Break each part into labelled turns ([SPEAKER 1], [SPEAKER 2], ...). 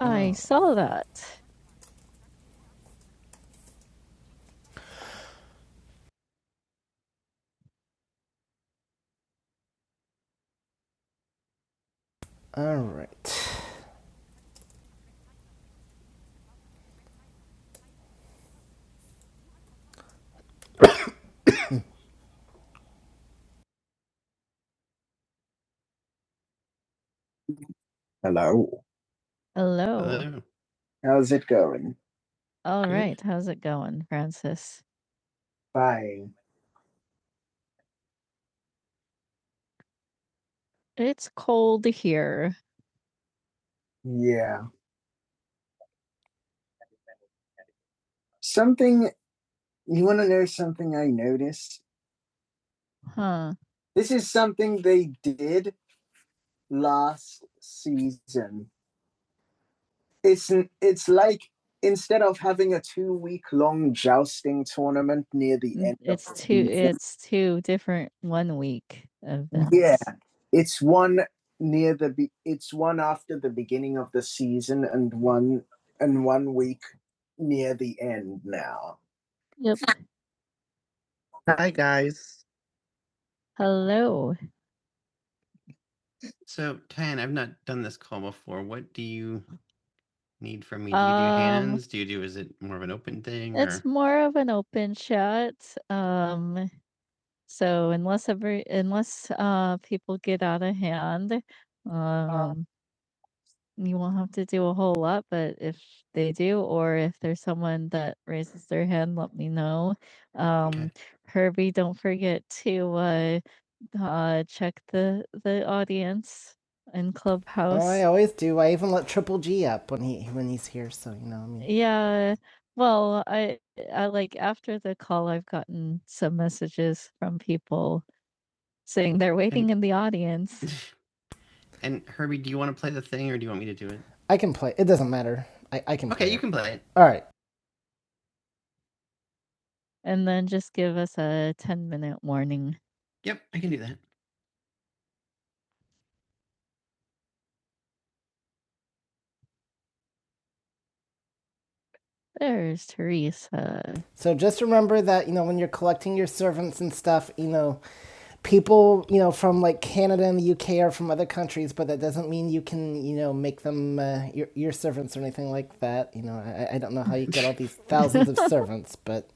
[SPEAKER 1] I saw that. All right. Hello. Hello. Hello. How's it going? All Good. right. How's it going, Francis? Fine. It's cold here. Yeah. Something you want to know something I noticed? Huh. This is something they did last season. it's it's like instead of having a two week long jousting tournament near the end It's of two season, it's two different one week events. Yeah. it's one near the be- it's one after the beginning of the season and one and one week near the end now Yep. Hi guys. Hello. So, Tan, I've not done this call before. What do you need from me? Do you do Um, hands? Do you do, is it more of an open thing or? It's or? more of an open shot. Um, so unless every unless uh people get out of hand, um, you won't have to do a whole lot. But if they do, or if there's someone that raises their hand, let me know. Okay. Um, Okay. Herbie, don't forget to uh uh, check the the audience in Oh, I Clubhouse. always do. I even let Triple G up when he when he's here. So you know, I mean, Yeah. Well, I I like after the call I've gotten some messages from people saying they're And waiting And in the audience. and Herbie, do you want to play the thing or do you want me to do it? I can play. It doesn't matter. I I can Okay, play you it. can play it. All right. And then just give us a 10 minute warning. Yep, I can do that. There's Teresa. So just remember that, you know, when you're collecting your servants and stuff, you know, people, you know, from like Canada and the UK are from other countries, but that doesn't mean you can, you know, make them uh, your, your servants or anything like that. You know, I, I don't know how you get all these thousands of servants, but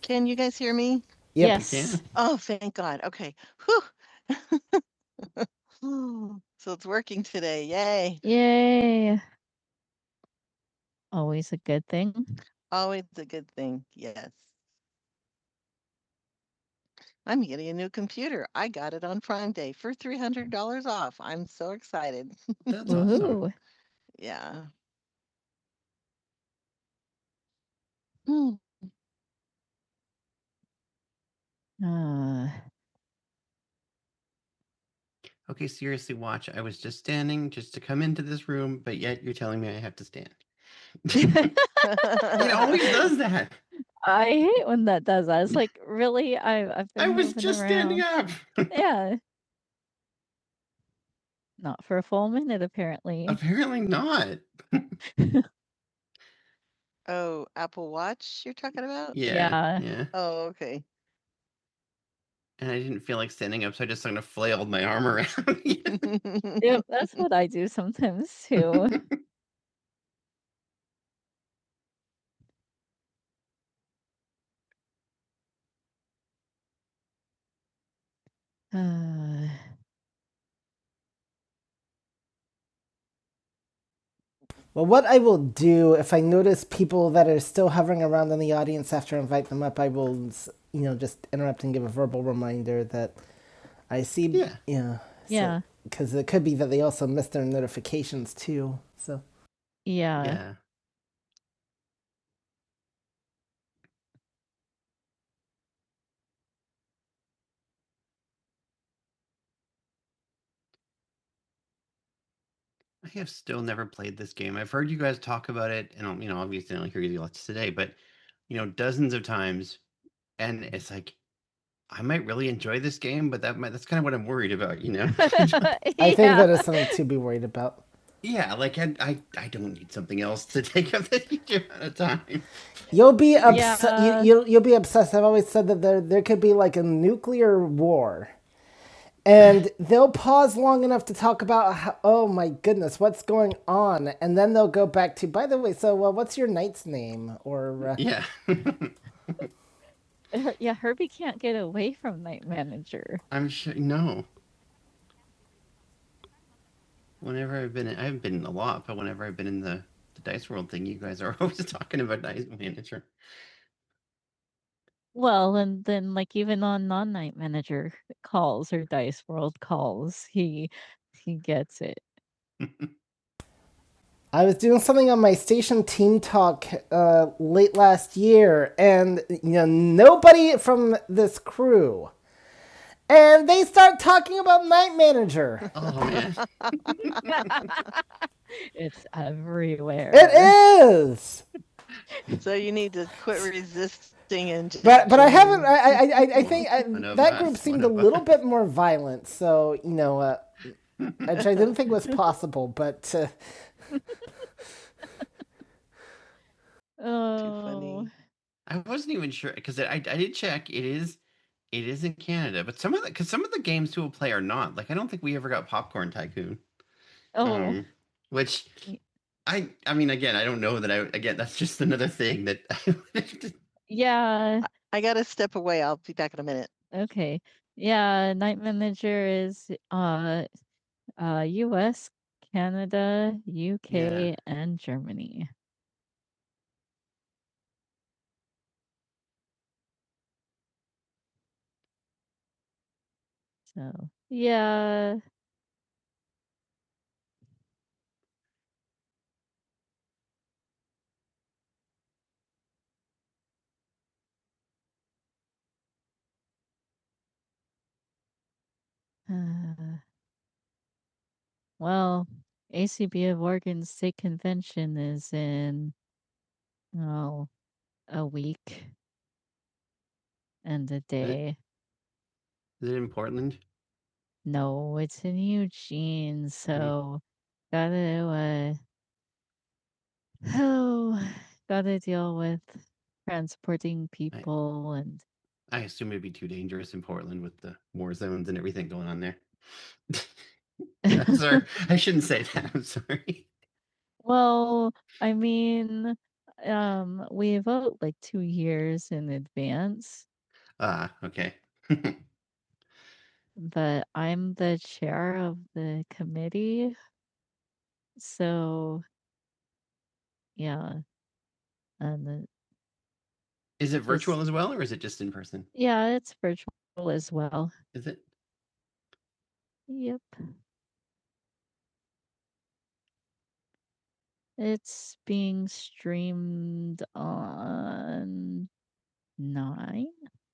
[SPEAKER 1] Can you guys hear me? yep. Yes. Yeah. Oh, thank God. Okay. Whew. so it's working today. Yay. Yay. Always a good thing. Always a good thing. Yes. I'm getting a new computer. I got it on Prime Day for $300 off. I'm so excited. That's awesome. Woohoo. Yeah. Mm. Uh, Okay, seriously, watch. I was just standing just to come into this room, but yet you're telling me I have to stand. it always does that. I hate when that does that. It's like, really? I, I've been I been was moving just around. standing around. up. Yeah. Not for a full minute, apparently. Apparently not. Oh, Apple Watch you're talking about? Yeah. Yeah. Yeah. Oh, okay. and I didn't feel like standing up, so I just kind of flailed my arm around. you Yep, that's what I do sometimes too. Uh, Well, what I will do if I notice people that are still hovering around in the audience after I invite them up, I will, you know, just interrupt and give a verbal reminder that I see. Yeah. Yeah. So, yeah, Because it could be that they also missed their notifications too. So. yeah, yeah. I have still never played this game. I've heard you guys talk about it, and um, you know, obviously, I don't hear you lots today, but you know, dozens of times. and it's like I might really enjoy this game, but that might, that's kind of what I'm worried about, you know? Yeah. I think that is something to be worried about. yeah, like I, I I don't need something else to take up the huge amount of time. You'll be obs- Yeah. you, you'll, you'll be obsessed. I've always said that there there could be like a nuclear war, and they'll pause long enough to talk about how, oh my goodness, what's going on, and then they'll go back to by the way, so uh, what's your knight's name or uh, Yeah. Her- yeah, Herbie can't get away from Night Manager. I'm sure. No, whenever I've been, in, I haven't been in a lot, but whenever I've been in the, the Dice World thing, you guys are always talking about Dice Manager. Well, and then like even on non-night manager calls or Dice World calls, he he gets it. I was doing something on my station team talk uh, late last year, and you know nobody from this crew, and they start talking about Night Manager. Oh man, it's everywhere. It is. So you need to quit resisting and. But but I haven't. I I, I, think I, that group seemed a little bit more violent. So you know, uh, which I didn't think was possible. But uh, Oh. too funny. I wasn't even sure because I I did check. It is it is in Canada, but some of the because some of the games people play are not. Like I don't think we ever got Popcorn Tycoon. Oh, um which i I mean again i don't know that i again that's just another thing that I would- yeah. I gotta step away. I'll be back in a minute. Okay. Yeah, night manager is uh uh US, Canada, U K, yeah UK, and Germany. So, yeah. Uh, well, ACB of Oregon State Convention is in oh, a week and a day. is it in portland No, it's in Eugene, Mm. so gotta, uh, oh, gotta deal with transporting I people and I assume it'd be too dangerous in Portland with the war zones and everything going on there. I'm sorry. I shouldn't say that. I'm sorry. Well, I mean, um, we vote like 2 years in advance. Ah, okay. But I'm the chair of the committee, So, yeah, and the Is it this virtual as well, or is it just in person? Yeah, it's virtual as well. Is it? Yep. It's being streamed on 9?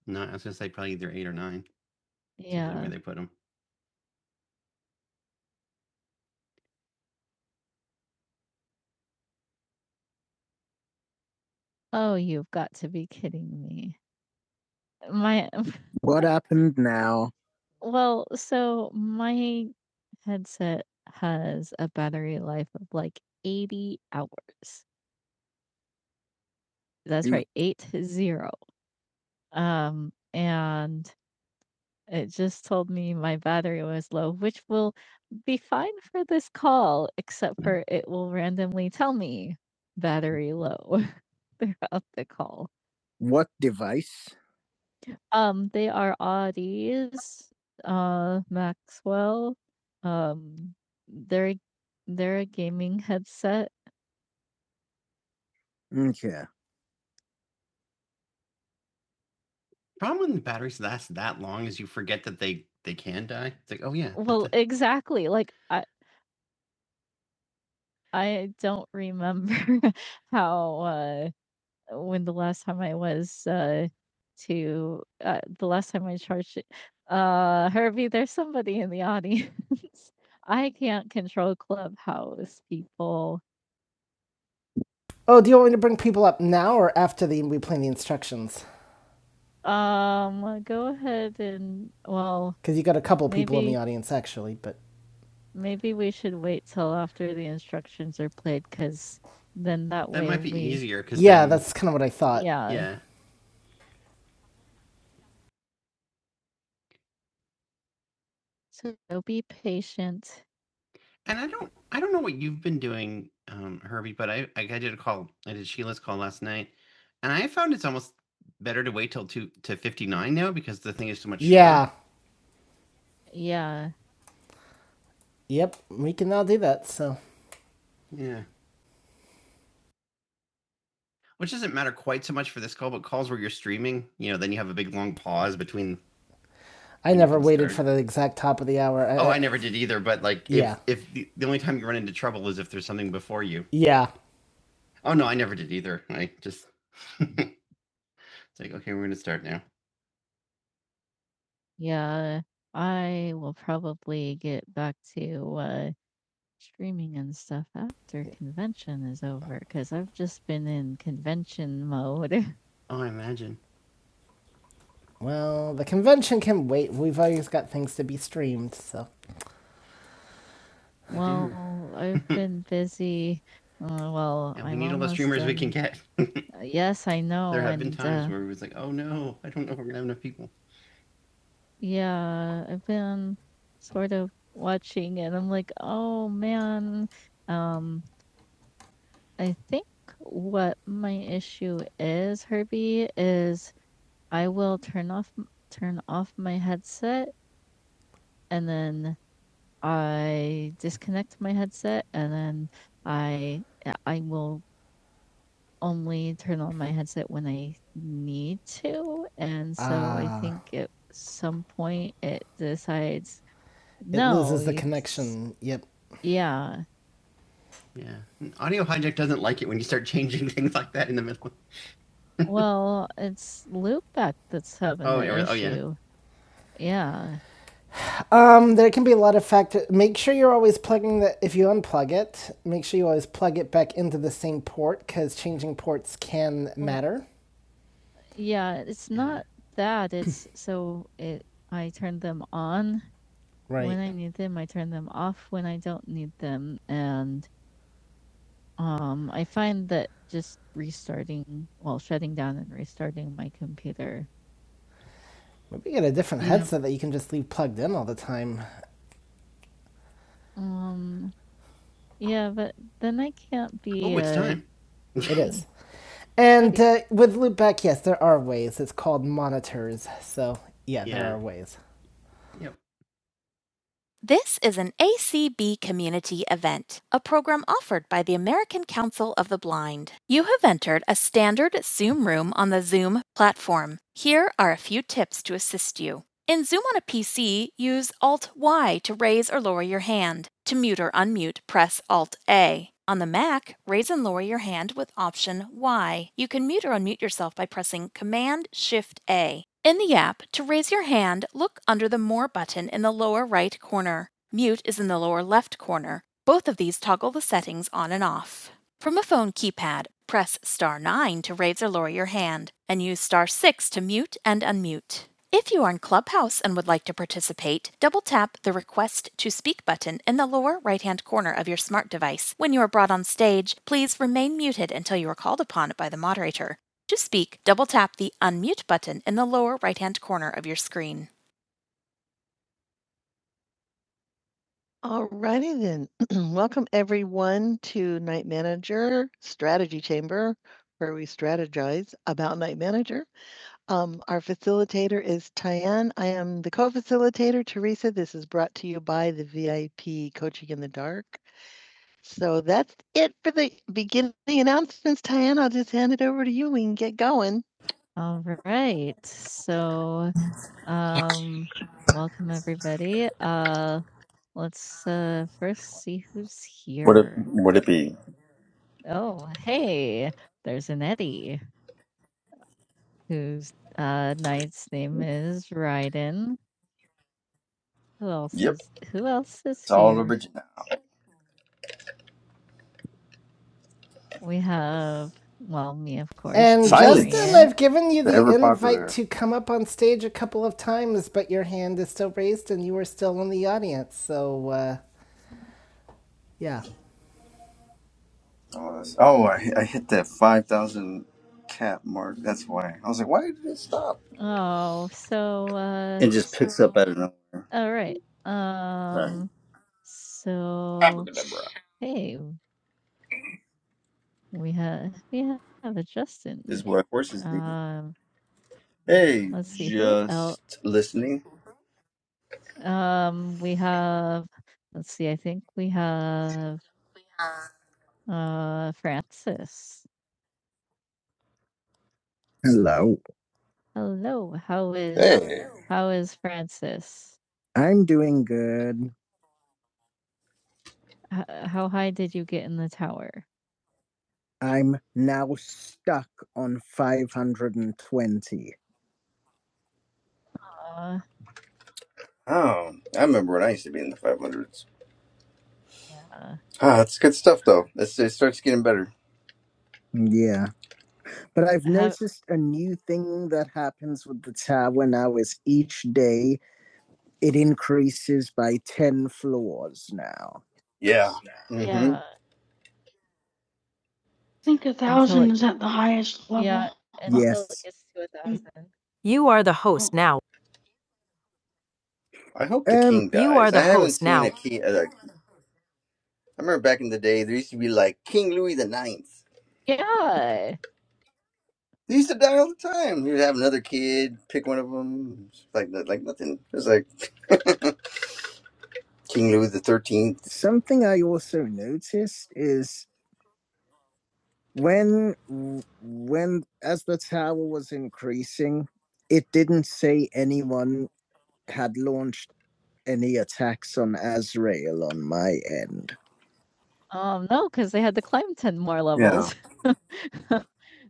[SPEAKER 1] No, I was gonna say probably either 8 or 9. It's usually Yeah. where Yeah. they put them? Oh, you've got to be kidding me. My What happened now? Well, so my headset has a battery life of, like, 80 hours. That's right, 80. Um, and it just told me my battery was low, which will be fine for this call, except Mhm. for it will randomly tell me battery low throughout the call. What device? Um, they are Audis uh, Maxwell. Um, they're they're a gaming headset. Okay. Problem when the batteries last that long is you forget that they they can die. It's like, oh yeah, what Well, the exactly. Like I I don't remember how uh when the last time I was uh to uh the last time I charged it. Uh Herbie, there's somebody in the audience. I can't control Clubhouse people. Oh, do you want me to bring people up now or after the we plan the instructions? Um, go ahead and well, Because you got a couple people maybe, in the audience, actually, but maybe we should wait till after the instructions are played, because then that that way That might be we- easier because yeah, then... that's kind of what I thought. Yeah. yeah. So be patient. And I don't I don't know what you've been doing, um, Herbie, but I like, I did a call I did Sheila's call last night, and I found it's almost better to wait till two to fifty nine now because the thing is so much. shorter. Yeah. Shorter. Yeah. Yep. We can now do that. So Yeah. which doesn't matter quite so much for this call, but calls where you're streaming, you know, then you have a big long pause between. I never waited start. for the exact top of the hour. I, Oh, I I never did either. But like, if, Yeah. if the, the only time you run into trouble is if there's something before you. yeah. Oh no, I never did either. I just it's like okay, we're gonna start now. Yeah, I will probably get back to uh, streaming and stuff after convention is over because I've just been in convention mode. Oh, I imagine. Well, the convention can wait. We've always got things to be streamed, so. Well, I've been busy. Uh, well, Yeah, we I'm need all the almost streamers done. we can get. Yes, I know. there have and, been times uh, where we was like, oh no, I don't know if we're gonna have enough people. yeah, I've been sort of watching, and I'm like, oh man. Um, I think what my issue is, Herbie, is I will turn off turn off my headset, and then I disconnect my headset and then I uh, I will only turn on my headset when I need to. And so I Ah, think at some point it decides, it no, loses the you s- connection. Yep. yeah. Yeah. And Audio hijack doesn't like it when you start changing things like that in the middle. Well, it's Loopback that's having oh, the yeah, oh yeah. issue. Yeah. Um, there can be a lot of factors. Make sure you're always plugging the. If you unplug it, make sure you always plug it back into the same port because changing ports can matter. Yeah, it's not that. It's so it. I turn them on right. when Right. I need them. I turn them off when I don't need them, and um, I find that just restarting, well, shutting down and restarting my computer, Maybe get a different you know, headset that you can just leave plugged in all the time. Um. Yeah, but then I can't be. Oh, it's uh, time. It is. And uh, with loopback, yes, there are ways. It's called monitors. So, yeah, yeah. there Yeah. are ways. Yep. This is an ACB community event, a program offered by the American Council of the Blind. You have entered a standard Zoom room on the Zoom platform. Here are a few tips to assist you. In Zoom on a PC, use Alt Y to raise or lower your hand. To mute or unmute, press Alt A. On the Mac, raise and lower your hand with Option Y. You can mute or unmute yourself by pressing Command Shift A. In the app, to raise your hand, look under the More button in the lower right corner. Mute is in the lower left corner. Both of these toggle the settings on and off. From a phone keypad, press star 9 to raise or lower your hand, and use star 6 to mute and unmute. If you are in Clubhouse and would like to participate, double tap the Request to Speak button in the lower right hand corner of your smart device. When you are brought on stage, please remain muted until you are called upon by the moderator. To speak, double tap the Unmute button in the lower right hand corner of your screen. Alrighty then. Welcome everyone to Night Manager Strategy Chamber, where we strategize about Night Manager. Um, our facilitator is Tyann. I am the co-facilitator, Teresa. This is brought to you by the VIP Coaching in the Dark. So that's it for the beginning announcements, Tyann. I'll just hand it over to you. We can get going. All right. So, um, welcome everybody. Uh, Let's uh first see who's
[SPEAKER 2] Would it
[SPEAKER 1] here.
[SPEAKER 2] would it be?
[SPEAKER 1] Oh, hey, there's an Eddie whose uh knight's name is Raiden. Who else
[SPEAKER 2] Yep,
[SPEAKER 1] is who else is
[SPEAKER 2] it's all
[SPEAKER 1] here?
[SPEAKER 2] original.
[SPEAKER 1] We have well me of course, And Justin, Adrian.
[SPEAKER 2] Silence,
[SPEAKER 1] I've given you
[SPEAKER 2] the
[SPEAKER 1] the
[SPEAKER 2] ever
[SPEAKER 1] invite
[SPEAKER 2] popular.
[SPEAKER 1] to come up on stage a couple of times, but your hand is still raised and you are still in the audience. So, uh, yeah.
[SPEAKER 2] Oh, that's- oh, I, I hit that five thousand cap mark. That's why I was like, why did it stop?
[SPEAKER 1] Oh, so uh
[SPEAKER 2] It just picks up out of nowhere.
[SPEAKER 1] all right.
[SPEAKER 2] Sorry, Look
[SPEAKER 1] Um so
[SPEAKER 2] at that bra.
[SPEAKER 1] Hey, we have we have a
[SPEAKER 2] this is
[SPEAKER 1] Justin.
[SPEAKER 2] what horses do.
[SPEAKER 1] Um,
[SPEAKER 2] Hey,
[SPEAKER 1] let's see who else.
[SPEAKER 2] just listening.
[SPEAKER 1] Um, we have let's see. I think we have uh Francis. Hello. Hello. How is
[SPEAKER 2] Hey,
[SPEAKER 1] how is Francis? I'm doing good. H- how high did you get in the tower? I'm now stuck on 520. Uh,
[SPEAKER 2] oh, I remember when I used to be in the five hundreds.
[SPEAKER 1] yeah.
[SPEAKER 2] Ah, it's good stuff though. It's, it starts getting better.
[SPEAKER 1] Yeah. But I've noticed a new thing that happens with the tower now is each day it increases by 10 floors now.
[SPEAKER 2] Yeah. Mm-hmm.
[SPEAKER 1] Yeah. I think a thousand is at the highest level. Yeah. Yes. it gets to a thousand. You are the host now.
[SPEAKER 2] I hope the
[SPEAKER 1] Um,
[SPEAKER 2] king
[SPEAKER 1] You are
[SPEAKER 2] dies. I
[SPEAKER 1] the
[SPEAKER 2] haven't
[SPEAKER 1] host
[SPEAKER 2] seen
[SPEAKER 1] now.
[SPEAKER 2] a king. I remember back in the day, there used to be like King Louis the Ninth.
[SPEAKER 1] Yeah.
[SPEAKER 2] They used to die all the time. You'd have another kid, pick one of them, like like nothing. It was like King Louis the Thirteenth.
[SPEAKER 1] something I also noticed is when when as the tower was increasing, it didn't say anyone had launched any attacks on Azrael on my end. Um, no, because they had to climb 10 more
[SPEAKER 2] Yeah,
[SPEAKER 1] levels. um,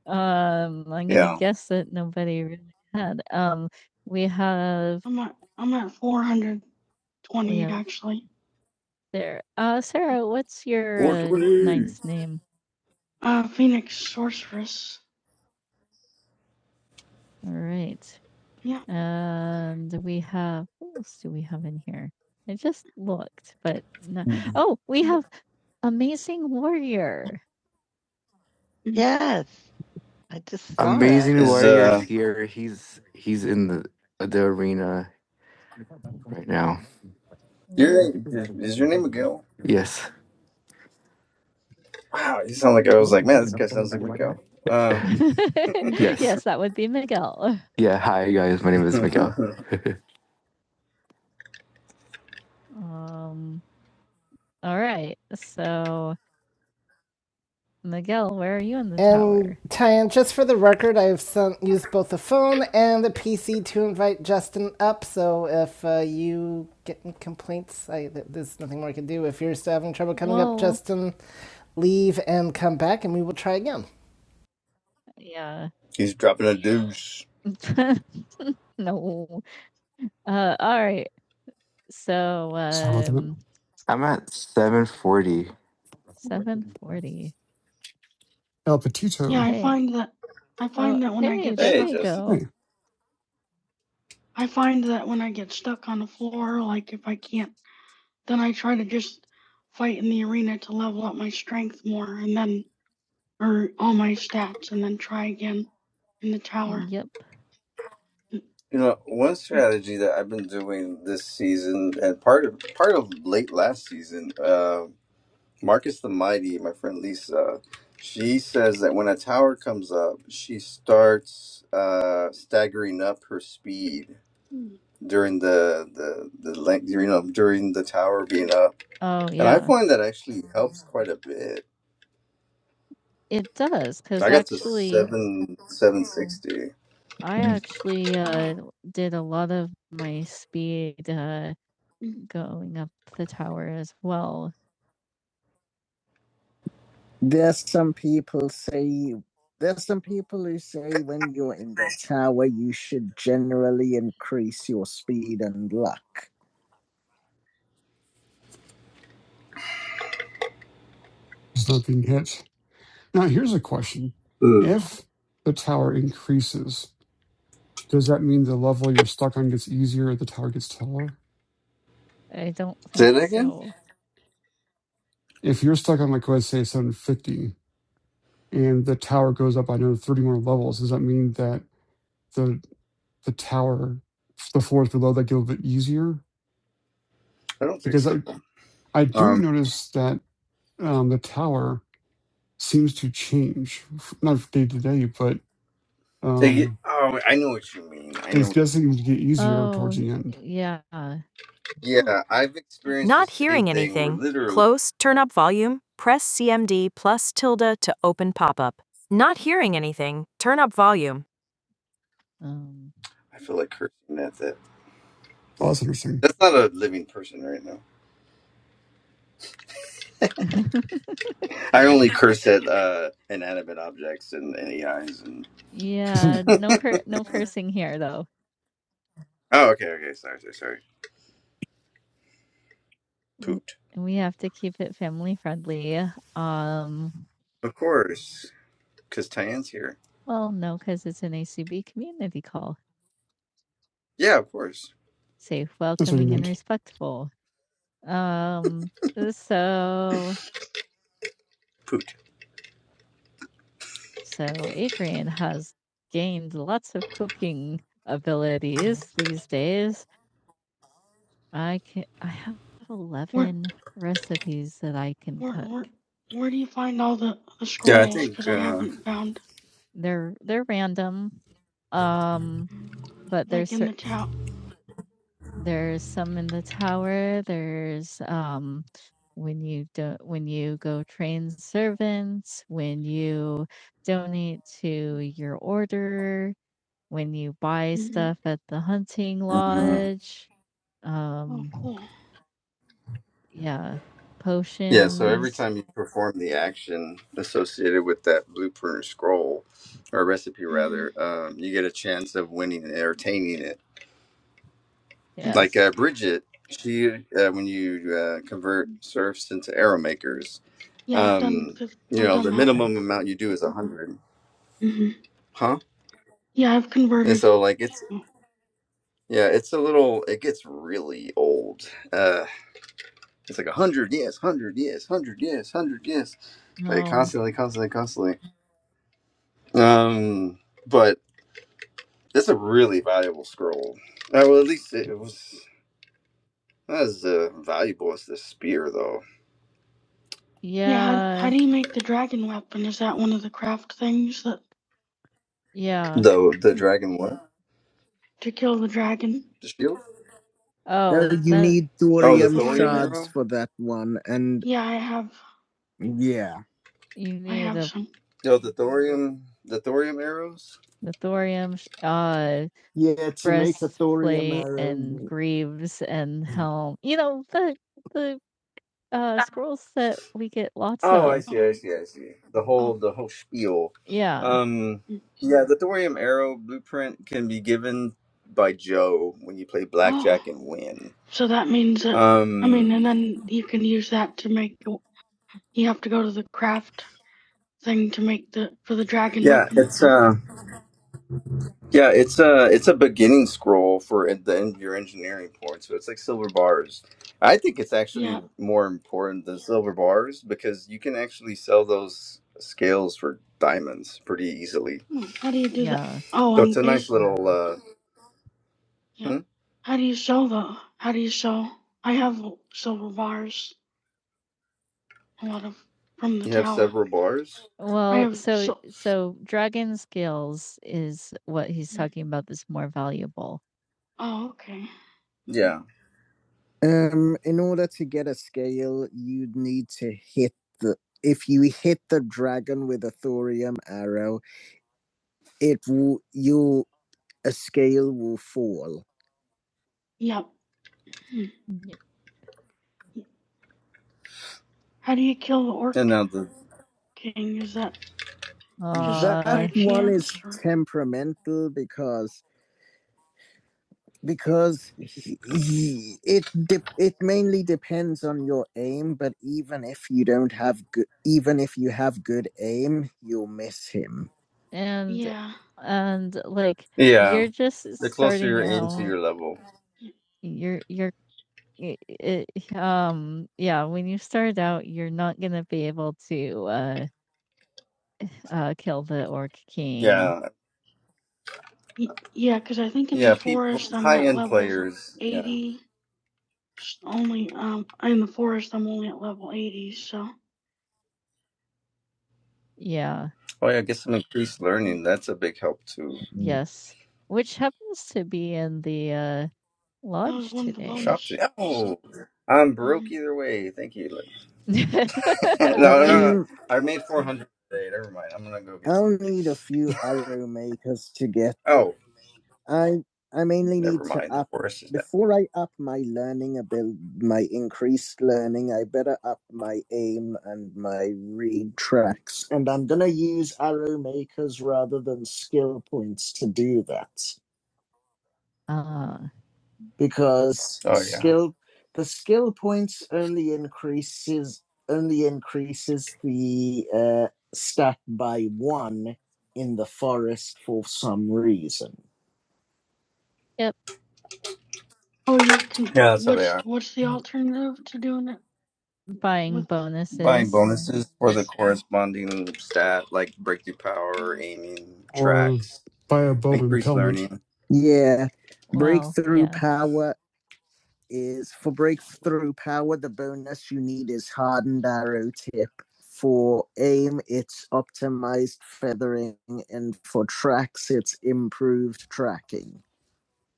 [SPEAKER 1] I'm gonna
[SPEAKER 2] yeah.
[SPEAKER 1] guess that nobody really had. Um, we have I'm at I'm at 420 Yeah. actually. there. Uh, Sarah, what's your
[SPEAKER 2] Four
[SPEAKER 1] uh,
[SPEAKER 2] twenty
[SPEAKER 1] ninth name? Uh, Phoenix Sorceress. All right. Yeah. And we have. What else do we have in here? I just looked, but no. Oh, we have Amazing Warrior. Yes, I just saw that. Amazing
[SPEAKER 2] is uh
[SPEAKER 1] where he's in the uh, the uh, right now. Ooh.
[SPEAKER 2] your name is, is your name Miguel?
[SPEAKER 1] Yeah.
[SPEAKER 2] Wow, you sound like I was like man, this
[SPEAKER 1] yes.
[SPEAKER 2] guy sounds like Miguel. Um,
[SPEAKER 1] yes, that would be Miguel. Yeah. Go. Um, all right. So Miguel, where are you in the And tower? Tyan, just for the record, I've sent, used both the phone and the PC to invite Justin up. So if uh, you get any complaints, I, there's nothing more I can do. If you're still having trouble coming Whoa. up, Well, Justin, leave and come back, and we will try again. yeah.
[SPEAKER 2] he's dropping a deuce.
[SPEAKER 1] no. Uh all right. So
[SPEAKER 3] Sorry about that.
[SPEAKER 1] um I'm at 740. 740.
[SPEAKER 3] El
[SPEAKER 1] Yeah, hey.
[SPEAKER 3] Petito.
[SPEAKER 1] I Hey. find that I Oh, find oh, that when I hey, I get there
[SPEAKER 2] Hey,
[SPEAKER 1] stuck, we
[SPEAKER 2] Justin.
[SPEAKER 1] go.
[SPEAKER 3] Hey,
[SPEAKER 1] I find that when I get stuck on the floor, like if I can't, then I try to just fight in the arena to level up my strength more and then, or all my stats, and then try again in the tower. Yep. Mm.
[SPEAKER 2] You know, one
[SPEAKER 1] Mm.
[SPEAKER 2] strategy that I've been doing this season, and part of part of late last season, uh, Marcus the Mighty, my friend Lisa, she says that when a tower comes up, she starts uh, staggering up her speed
[SPEAKER 1] Mm,
[SPEAKER 2] during the the the length, you know, during the tower
[SPEAKER 1] mm.
[SPEAKER 2] being up,
[SPEAKER 1] Oh,
[SPEAKER 2] and I
[SPEAKER 1] yeah.
[SPEAKER 2] find that actually helps quite a bit.
[SPEAKER 1] It does. Cause
[SPEAKER 2] I got to
[SPEAKER 1] actually,
[SPEAKER 2] seven seven sixty.
[SPEAKER 1] I Yes. actually, uh, did a lot of my speed, uh, Mhm. going up the tower as well. There's some people say there's some people who say when you're in the tower you should generally increase your speed and luck.
[SPEAKER 3] it's not being hit. Now, here's a question.
[SPEAKER 2] Mm.
[SPEAKER 3] If the tower increases, does that mean the level you're stuck on gets easier or the tower gets taller?
[SPEAKER 1] I don't
[SPEAKER 2] Say
[SPEAKER 1] think
[SPEAKER 2] that again?
[SPEAKER 1] so.
[SPEAKER 3] If you're stuck on, like, let's say 750 and the tower goes up by another 30 more levels, does that mean that the the tower, the floors below that get a little bit easier?
[SPEAKER 2] I don't think
[SPEAKER 3] Because
[SPEAKER 2] so.
[SPEAKER 3] I, I do
[SPEAKER 2] Um,
[SPEAKER 3] notice that um, the tower seems to change, not day to day, but.
[SPEAKER 2] they
[SPEAKER 3] um,
[SPEAKER 2] get, oh, I know what you mean. I
[SPEAKER 3] And
[SPEAKER 2] know.
[SPEAKER 3] it does seem to get easier towards
[SPEAKER 1] Oh,
[SPEAKER 3] the end.
[SPEAKER 1] yeah. Hmm.
[SPEAKER 2] Yeah, I've
[SPEAKER 1] Yep.
[SPEAKER 2] experienced the
[SPEAKER 1] Not
[SPEAKER 2] same
[SPEAKER 1] hearing
[SPEAKER 2] thing where
[SPEAKER 1] anything,
[SPEAKER 2] literally
[SPEAKER 1] close, turn up volume, press CMD plus tilde to open pop up. Not hearing anything, turn up volume. Um,
[SPEAKER 2] I feel like cursing at that.
[SPEAKER 3] Oh, that's interesting.
[SPEAKER 2] That's not a living person right now. I only curse at uh, inanimate objects and, and AIs and.
[SPEAKER 1] yeah,
[SPEAKER 3] that's
[SPEAKER 1] no cur no cursing here though.
[SPEAKER 2] Oh, okay, okay. Sorry, sorry, sorry.
[SPEAKER 1] W
[SPEAKER 2] Poot.
[SPEAKER 1] we have to keep it family friendly. Um,
[SPEAKER 2] Of course, because Tyann's here.
[SPEAKER 1] well, no, because it's an ACB community call.
[SPEAKER 2] Yeah, of course.
[SPEAKER 1] Safe,
[SPEAKER 3] what he
[SPEAKER 1] welcoming, and
[SPEAKER 3] meant.
[SPEAKER 1] respectful. Um, so
[SPEAKER 2] Poot.
[SPEAKER 1] so Adrian has gained lots of cooking abilities these days. I can I have Where 11 recipes that I can where cook. where cook. where do you find all the the
[SPEAKER 2] Yeah, I
[SPEAKER 1] scrolls?
[SPEAKER 2] think.
[SPEAKER 1] Because I
[SPEAKER 2] Uh,
[SPEAKER 1] haven't found They're they're random. Um, but there's like in cer- the town. there's some in the tower. There's um when you do when you go train servants, when you donate to your order, when you buy hmm stuff at the hunting
[SPEAKER 2] mhm.
[SPEAKER 1] lodge. Oh, Um, cool. Yeah, Mm.
[SPEAKER 2] Yeah, so every
[SPEAKER 1] potions.
[SPEAKER 2] time you perform the action associated with that blueprint or scroll, or recipe
[SPEAKER 1] Mhm. Mm.
[SPEAKER 2] rather, um, you get a chance of winning and entertaining it. Like uh,
[SPEAKER 1] Yes.
[SPEAKER 2] Bridget, she uh, when you uh, convert serfs into arrow makers,
[SPEAKER 1] Yeah, I've done
[SPEAKER 2] um
[SPEAKER 1] because
[SPEAKER 2] you
[SPEAKER 1] I've
[SPEAKER 2] know
[SPEAKER 1] done
[SPEAKER 2] the
[SPEAKER 1] that.
[SPEAKER 2] minimum amount you do is 100
[SPEAKER 1] Mhm.
[SPEAKER 2] huh
[SPEAKER 1] Yeah, I've
[SPEAKER 2] and
[SPEAKER 1] converted.
[SPEAKER 2] so like it's
[SPEAKER 1] Oh.
[SPEAKER 2] yeah it's a little it gets really old uh it's like 100 yes 100 yes 100 yes 100 yes like
[SPEAKER 1] No.
[SPEAKER 2] constantly constantly constantly um but it's a really valuable scroll uh, well at least it was not as uh, valuable as the spear though
[SPEAKER 1] Yeah, how, how Yeah. do you make the dragon weapon? Is that one of the craft things that Yeah.
[SPEAKER 2] the the
[SPEAKER 1] Hmm.
[SPEAKER 2] dragon what
[SPEAKER 1] to kill the dragon?
[SPEAKER 2] the shield
[SPEAKER 1] Oh, Well, you that need A
[SPEAKER 2] oh the
[SPEAKER 1] thorium Authorium.
[SPEAKER 2] thorium
[SPEAKER 1] shards
[SPEAKER 2] arrow
[SPEAKER 1] for that one, and Yeah, I have. yeah. you I need have a some.
[SPEAKER 2] no the thorium the thorium arrows
[SPEAKER 1] the thorium, sh- uh, Yeah, to make the breastplate thorium arrow. and arrow. greaves and helm. You know the the uh, Ah, scrolls that we get lots
[SPEAKER 2] Oh, I
[SPEAKER 1] of.
[SPEAKER 2] see,
[SPEAKER 1] Oh,
[SPEAKER 2] I see, I see. The whole
[SPEAKER 1] oh,
[SPEAKER 2] the whole spiel.
[SPEAKER 1] Yeah,
[SPEAKER 2] Um
[SPEAKER 1] mm,
[SPEAKER 2] yeah, the thorium arrow blueprint can be given by Joe when you play
[SPEAKER 1] oh.
[SPEAKER 2] blackjack and win.
[SPEAKER 1] So that means that, I mean, and
[SPEAKER 2] Um
[SPEAKER 1] then you can use that to make, the- you have to go to the craft thing to make the, for the dragon
[SPEAKER 2] yeah,
[SPEAKER 1] weapon.
[SPEAKER 2] it's
[SPEAKER 1] Or,
[SPEAKER 2] uh yeah, it's uh it's a beginning scroll for at the end of your engineering point. So it's like silver bars. I think it's actually
[SPEAKER 1] yeah.
[SPEAKER 2] more important than silver bars because you can actually sell those scales for diamonds pretty easily.
[SPEAKER 1] Hmm, How do you do that? yeah. Oh,
[SPEAKER 2] So
[SPEAKER 1] on
[SPEAKER 2] it's
[SPEAKER 1] the
[SPEAKER 2] a nice
[SPEAKER 1] base.
[SPEAKER 2] little uh
[SPEAKER 1] Yeah.
[SPEAKER 2] hmm?
[SPEAKER 1] How do you sell the how do you sell I have silver bars, a lot of from the
[SPEAKER 2] you have
[SPEAKER 1] tower.
[SPEAKER 2] several bars.
[SPEAKER 1] I Well, have so sil so dragon scales is what he's Mm. talking about that's more valuable. Oh, okay.
[SPEAKER 2] Yeah.
[SPEAKER 1] Um, in order to get a scale, you'd need to hit the if you hit the dragon with a thorium arrow, it will you a scale will fall. Yep. Hmm. Yep. How do you kill the
[SPEAKER 2] And
[SPEAKER 1] orc
[SPEAKER 2] now the
[SPEAKER 1] king? Is that Oh, that one is temperamental because because he, he- it de- it mainly depends on your aim but even if you don't have good even if you have good aim you'll miss him and yeah. and like
[SPEAKER 2] yeah,
[SPEAKER 1] you're just
[SPEAKER 2] the closer
[SPEAKER 1] starting
[SPEAKER 2] you aim to
[SPEAKER 1] out
[SPEAKER 2] your level.
[SPEAKER 1] you're you're i- i- um yeah when you start out you're not gonna be able to uh uh kill the orc king
[SPEAKER 2] Yeah.
[SPEAKER 1] Y- yeah, cause I think in
[SPEAKER 2] Yeah,
[SPEAKER 1] the
[SPEAKER 2] people
[SPEAKER 1] forest I'm
[SPEAKER 2] high
[SPEAKER 1] at
[SPEAKER 2] end
[SPEAKER 1] levels
[SPEAKER 2] players. Yeah.
[SPEAKER 1] 80, s- only, um, in the forest I'm only at level 80, so. Yeah.
[SPEAKER 2] Oh yeah, get some increased
[SPEAKER 1] mm. Mm.
[SPEAKER 2] learning. That's a big help too.
[SPEAKER 1] Yes. Which happens to be in the uh That was lodge one of the today.
[SPEAKER 2] Shop
[SPEAKER 1] bonus.
[SPEAKER 2] to Oh I'm
[SPEAKER 1] hmm
[SPEAKER 2] broke
[SPEAKER 1] Mhm.
[SPEAKER 2] either way. Thank you. no, no, no.
[SPEAKER 1] Um,
[SPEAKER 2] I made four hundred today. Never mind. I'm gonna go get some.
[SPEAKER 1] I'll need a few arrow makers to get
[SPEAKER 2] Oh,
[SPEAKER 1] I I mainly need
[SPEAKER 2] never
[SPEAKER 1] to
[SPEAKER 2] mind. The
[SPEAKER 1] up
[SPEAKER 2] forest is down.
[SPEAKER 1] before I up my learning abil my increased learning, I better up my aim and my read tracks. And I'm gonna use arrow makers rather than skill points to do that. Ah, Because
[SPEAKER 2] Oh yeah.
[SPEAKER 1] skill the skill points only increases only increases the uh, stat by one in the forest for some reason. Yep. Oh, you can,
[SPEAKER 2] Yeah, that's how they
[SPEAKER 1] what's,
[SPEAKER 2] are.
[SPEAKER 1] what's the alternative to doing it? buying With-
[SPEAKER 2] Buying
[SPEAKER 1] bonuses.
[SPEAKER 2] bonuses for the
[SPEAKER 1] Oh,
[SPEAKER 2] corresponding stat like breakthrough power, aiming,
[SPEAKER 3] Or
[SPEAKER 2] tracks,
[SPEAKER 3] by above
[SPEAKER 2] increased
[SPEAKER 3] impalement.
[SPEAKER 2] learning.
[SPEAKER 1] Yeah, Wow. breakthrough yeah. power is for breakthrough power. The bonus you need is hardened arrow tip. For aim, it's optimized feathering, and for tracks, it's improved tracking.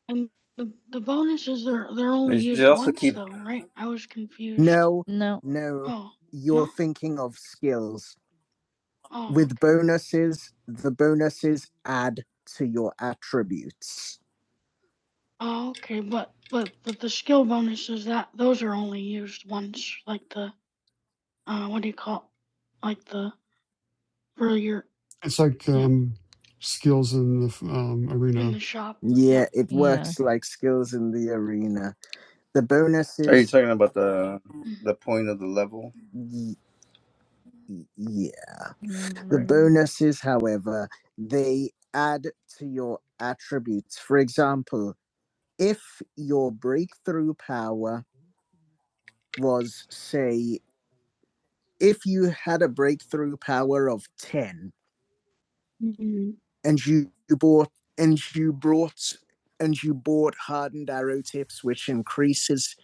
[SPEAKER 1] and the, the bonuses, they're, they're only
[SPEAKER 2] You should
[SPEAKER 1] used
[SPEAKER 2] also
[SPEAKER 1] once
[SPEAKER 2] keep.
[SPEAKER 1] though, right? I was confused. No, No, no, Oh, you're No. thinking of skills. Oh, With bonuses, the bonuses add to your attributes. oh, okay, but but but the skill bonuses that those are only used once, like the uh, what do you call, like the for your
[SPEAKER 3] It's like
[SPEAKER 1] yeah
[SPEAKER 3] um, skills in the um,
[SPEAKER 1] in
[SPEAKER 3] arena.
[SPEAKER 1] the shop. Yeah, it Yeah. works like skills in the arena. The
[SPEAKER 2] Are you
[SPEAKER 1] bonuses,
[SPEAKER 2] talking about the
[SPEAKER 1] Mhm.
[SPEAKER 2] the point of the level,
[SPEAKER 1] y- y- yeah. The
[SPEAKER 2] right?
[SPEAKER 1] Mm, bonuses, however, they add to your attributes. For example, if your breakthrough power was, say, if you had a breakthrough power of 10 Mhm. and you, you bought and you brought and you bought hardened arrow tips, which increases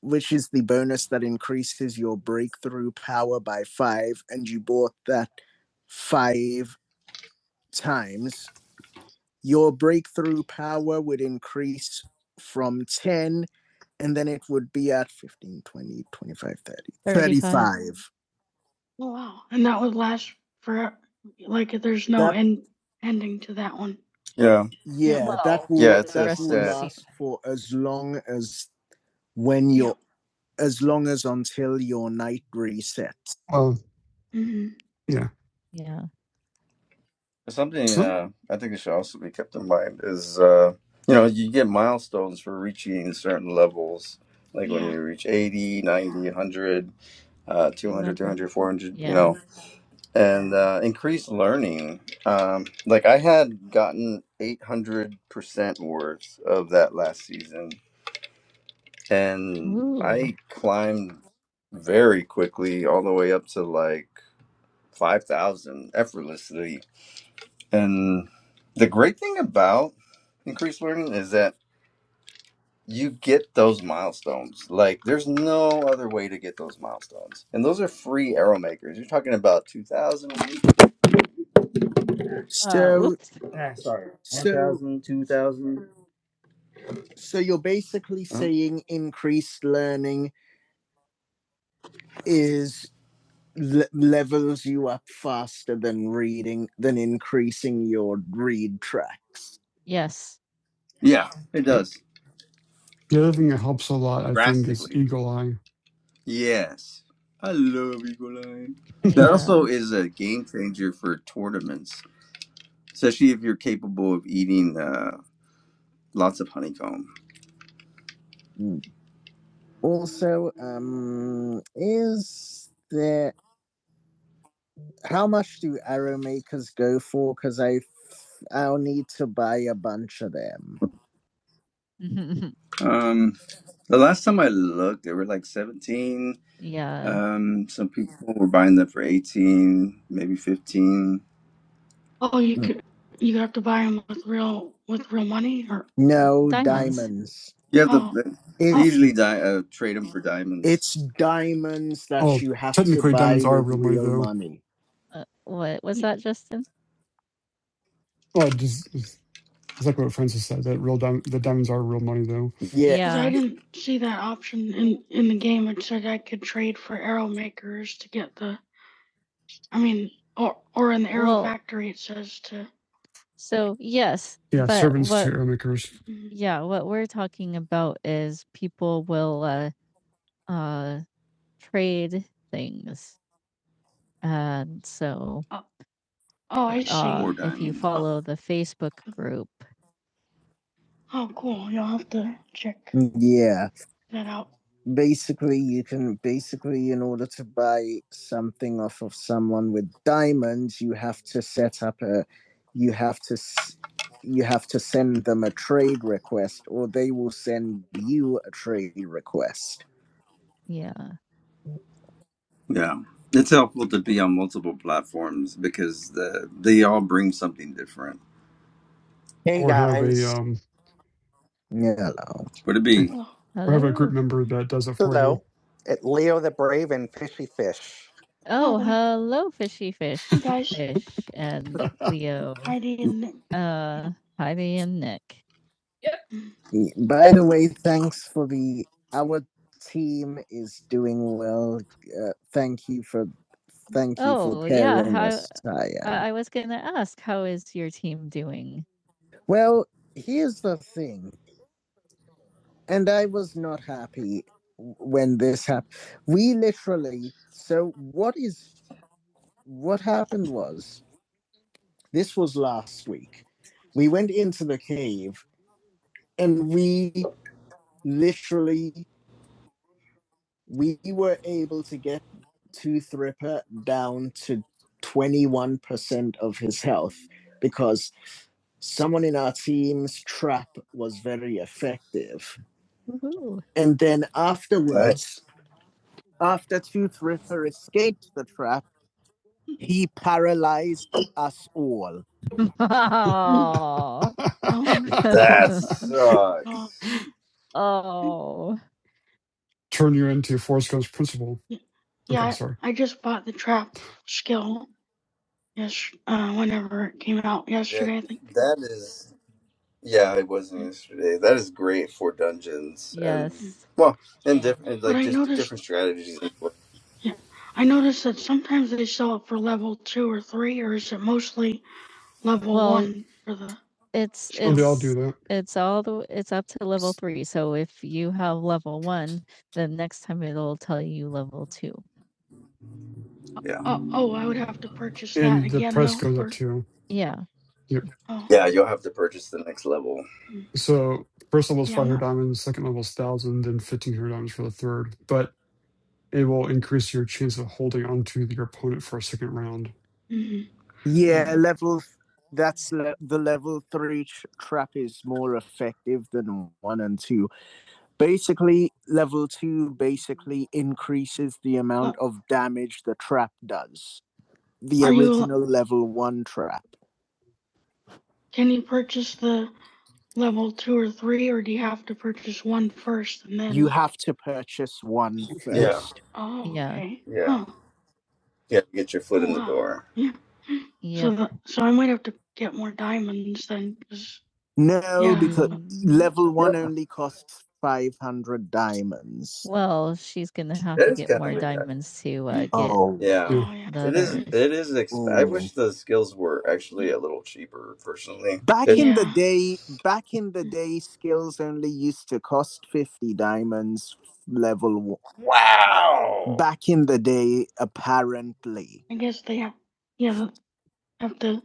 [SPEAKER 1] which is the bonus that increases your breakthrough power by five, and you bought that five times, your breakthrough power would increase from 10 and then it would be at 15, 20, 25, 30, 35. Oh, wow. And that would last for, like, there's no That- end, ending to that one.
[SPEAKER 2] Yeah,
[SPEAKER 1] Yeah, well, that Well, will
[SPEAKER 2] yeah. It's
[SPEAKER 1] that
[SPEAKER 2] a
[SPEAKER 1] will
[SPEAKER 2] set.
[SPEAKER 1] last for as long as when you're yeah. as long as until your night resets.
[SPEAKER 3] Well,
[SPEAKER 1] hmm
[SPEAKER 3] yeah.
[SPEAKER 1] Yeah.
[SPEAKER 2] Something
[SPEAKER 3] So,
[SPEAKER 2] uh, I think it should also be kept in mind is uh, you know you get milestones for reaching certain levels, like when
[SPEAKER 1] Yeah.
[SPEAKER 2] you reach 80, ninety, one hundred, uh, 200,
[SPEAKER 1] 200.
[SPEAKER 2] you
[SPEAKER 1] Yeah.
[SPEAKER 2] know, and uh, increased learning. Um, like I had gotten 800% worth of that last season and
[SPEAKER 1] Woo. Uh,
[SPEAKER 2] I climbed very quickly all the way up to like 5,000 effortlessly. And the great thing about increased learning is that you get those milestones. Like there's no other way to get those milestones. And those are free arrow makers. You're talking about 2,000,
[SPEAKER 1] So oops.
[SPEAKER 2] ah, sorry, one
[SPEAKER 1] so
[SPEAKER 2] thousand, 2,000.
[SPEAKER 1] so you're basically
[SPEAKER 2] Huh?
[SPEAKER 1] saying increased learning is le- levels you up faster than reading than increasing your read tracks. Yes.
[SPEAKER 2] Yeah, it
[SPEAKER 3] yep.
[SPEAKER 2] does
[SPEAKER 3] The other thing that helps a lot, I think, is
[SPEAKER 2] drastically.
[SPEAKER 3] eagle eye.
[SPEAKER 2] Yes. I love Eagle Eye. That also
[SPEAKER 1] Yeah.
[SPEAKER 2] is a game changer for tournaments, especially if you're capable of eating uh, lots of honeycomb.
[SPEAKER 1] Mm. Also, um, is there how much do arrow makers go for? Because I i f- I'll need to buy a bunch of them.
[SPEAKER 2] Um, the last time I looked, they were like 17.
[SPEAKER 1] yeah.
[SPEAKER 2] Um, some people were buying them for 18, maybe 15.
[SPEAKER 1] Oh, you Mm. could you have to buy them with real with real money or No diamonds. Diamonds.
[SPEAKER 2] Yeah,
[SPEAKER 1] oh
[SPEAKER 2] the, they
[SPEAKER 1] It's
[SPEAKER 2] usually di- uh, trade them for diamonds,
[SPEAKER 1] It's diamonds that
[SPEAKER 3] Oh,
[SPEAKER 1] you have to
[SPEAKER 3] technically,
[SPEAKER 1] buy
[SPEAKER 3] diamonds are
[SPEAKER 1] with
[SPEAKER 3] real money,
[SPEAKER 1] real
[SPEAKER 3] though.
[SPEAKER 1] money. Uh, what was that, Justin?
[SPEAKER 3] Well, it just, it's like what Francis said, that real diam- the diamonds are real money, though.
[SPEAKER 1] Yeah. 'Cause Yeah. I didn't see that option in, in the game. It said I could trade for arrow makers to get the. I mean, or or in the arrow Well- factory, it says to. So yes,
[SPEAKER 3] Yeah,
[SPEAKER 1] but
[SPEAKER 3] servants to
[SPEAKER 1] what
[SPEAKER 3] arrow makers,
[SPEAKER 1] Mhm. yeah, what we're talking about is people will uh uh trade things. And so Oh, oh I see. uh
[SPEAKER 2] for
[SPEAKER 1] if you
[SPEAKER 2] diamonds.
[SPEAKER 1] follow the Facebook Mhm. group, Oh, cool. You'll have to check Yeah. that out. Basically, you can basically, in order to buy something off of someone with diamonds, you have to set up a, you have to, you have to send them a trade request, or they will send you a trade request. Yeah.
[SPEAKER 2] Yeah. It's helpful to be on multiple platforms because the, they all bring something different.
[SPEAKER 3] or have a um,
[SPEAKER 1] Hello.
[SPEAKER 2] Would it
[SPEAKER 3] eh,
[SPEAKER 2] be?
[SPEAKER 1] Well,
[SPEAKER 3] or have a group
[SPEAKER 1] Hello.
[SPEAKER 3] member
[SPEAKER 1] Mm.
[SPEAKER 3] that does it for you.
[SPEAKER 1] Oh, Hello. fishy fish. Hey guys. Fish and Leo. Heidi and Nick. Uh, Heidi and Nick. Y- By the way, thanks for the. Our team is doing well. Uh, thank you for, thank you for Oh, yeah. pairing How, us, Taya. I I was going to ask, how is your team doing? Well, here's the thing, and I was not happy w- when this happened. We literally, so what is what happened was this was last week. We went into the cave and we literally we were able to get to Thripper down to 21% of his health because someone in our team's trap was very effective. Woohoo. And then afterwards, after Tooth Ripper escaped the trap, he paralyzed us all. oh.
[SPEAKER 2] That
[SPEAKER 1] oh,
[SPEAKER 2] sucks.
[SPEAKER 1] oh.
[SPEAKER 3] turn you into Forrest Gump's principal.
[SPEAKER 1] Y-
[SPEAKER 3] Okay,
[SPEAKER 1] Yeah,
[SPEAKER 3] sorry.
[SPEAKER 1] I just bought the trap skill yes, uh, whenever it came out
[SPEAKER 2] Yeah,
[SPEAKER 1] yesterday, I think.
[SPEAKER 2] that is. Yeah, it
[SPEAKER 1] Mm,
[SPEAKER 2] wasn't
[SPEAKER 1] mm.
[SPEAKER 2] yesterday. That is great for dungeons and
[SPEAKER 1] Yes.
[SPEAKER 2] well, and different
[SPEAKER 1] But
[SPEAKER 2] like
[SPEAKER 1] I
[SPEAKER 2] just
[SPEAKER 1] noticed,
[SPEAKER 2] different strategies.
[SPEAKER 1] yeah, I noticed that sometimes they sell it for level two or three, or is it mostly level Well, one for the it's
[SPEAKER 3] No,
[SPEAKER 1] skill?
[SPEAKER 3] they all do
[SPEAKER 1] it's
[SPEAKER 3] that.
[SPEAKER 1] it's all the it's up to level 3. So if you have level 1, then next time it'll tell you level 2.
[SPEAKER 2] Yeah,
[SPEAKER 1] Oh, oh, I would have to purchase that
[SPEAKER 3] And the
[SPEAKER 1] again
[SPEAKER 3] price
[SPEAKER 1] though
[SPEAKER 3] goes up
[SPEAKER 1] for
[SPEAKER 3] too.
[SPEAKER 1] Yeah.
[SPEAKER 3] Yep.
[SPEAKER 1] oh,
[SPEAKER 2] yeah, you'll have to purchase the next level.
[SPEAKER 1] mm,
[SPEAKER 3] So first level is
[SPEAKER 1] yeah, I'm
[SPEAKER 3] 500
[SPEAKER 1] not
[SPEAKER 3] diamonds, second level is 1,000, then 1,500 diamonds for the third. But it will increase your chance of holding onto your opponent for a second round.
[SPEAKER 1] Mhm. Yeah, Mm. level. That's le- the level three tr- trap is more effective than one and two. Basically, level two basically increases the amount But of damage the trap does. The are you original you... level one trap. can you purchase the level two or three, or do you have to purchase one first and then? You have to purchase one
[SPEAKER 3] Yep.
[SPEAKER 2] Yeah,
[SPEAKER 1] first. Oh, Yeah. okay.
[SPEAKER 2] yeah,
[SPEAKER 1] Huh.
[SPEAKER 2] yeah. Get your foot
[SPEAKER 1] Oh,
[SPEAKER 2] in the
[SPEAKER 1] wow.
[SPEAKER 2] door.
[SPEAKER 1] Yeah. Yeah. So that so I might have to get more diamonds then 'cause No, yeah. because Mm, level one
[SPEAKER 2] Yeah,
[SPEAKER 1] only costs 500 diamonds. Well, she's gonna have
[SPEAKER 2] that
[SPEAKER 1] to
[SPEAKER 2] is
[SPEAKER 1] get
[SPEAKER 2] kind
[SPEAKER 1] more
[SPEAKER 2] of
[SPEAKER 1] Yeah.
[SPEAKER 2] a Yeah,
[SPEAKER 1] diamonds to uh, Mm. get Oh.
[SPEAKER 2] Yeah.
[SPEAKER 3] Yeah.
[SPEAKER 1] Oh, yeah. the Mm.
[SPEAKER 2] it is.
[SPEAKER 1] others.
[SPEAKER 2] It is. Exp- I
[SPEAKER 1] Mm.
[SPEAKER 2] wish the skills were actually
[SPEAKER 1] Ye
[SPEAKER 2] a little cheaper. Personally,
[SPEAKER 1] Back
[SPEAKER 2] it.
[SPEAKER 1] in the yeah. day, back in the Mm. day, skills only used to cost 50 diamonds f- level one.
[SPEAKER 2] Wow.
[SPEAKER 1] Back in the day, apparently. I guess they have yeah, Have to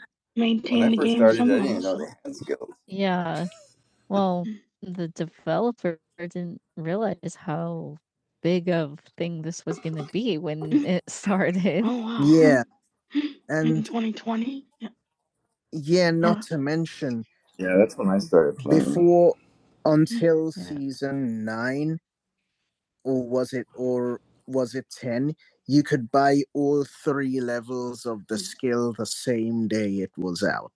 [SPEAKER 2] When I
[SPEAKER 1] maintain the
[SPEAKER 2] first
[SPEAKER 1] game
[SPEAKER 2] started, I didn't
[SPEAKER 1] somehow,
[SPEAKER 2] even know
[SPEAKER 1] so
[SPEAKER 2] they had skills.
[SPEAKER 1] Yeah, well, Mm. the developer didn't realize how big of thing this was gonna be when Mm. it started. Oh, wow. Yeah, Yeah. In and 2020? Yeah. yeah, Yeah. not yeah, to mention
[SPEAKER 2] Yeah, that's when I started playing.
[SPEAKER 1] before until Yeah. season 9 or was it or was it 10, you could buy all 3 levels of the Mm. skill the same day it was out.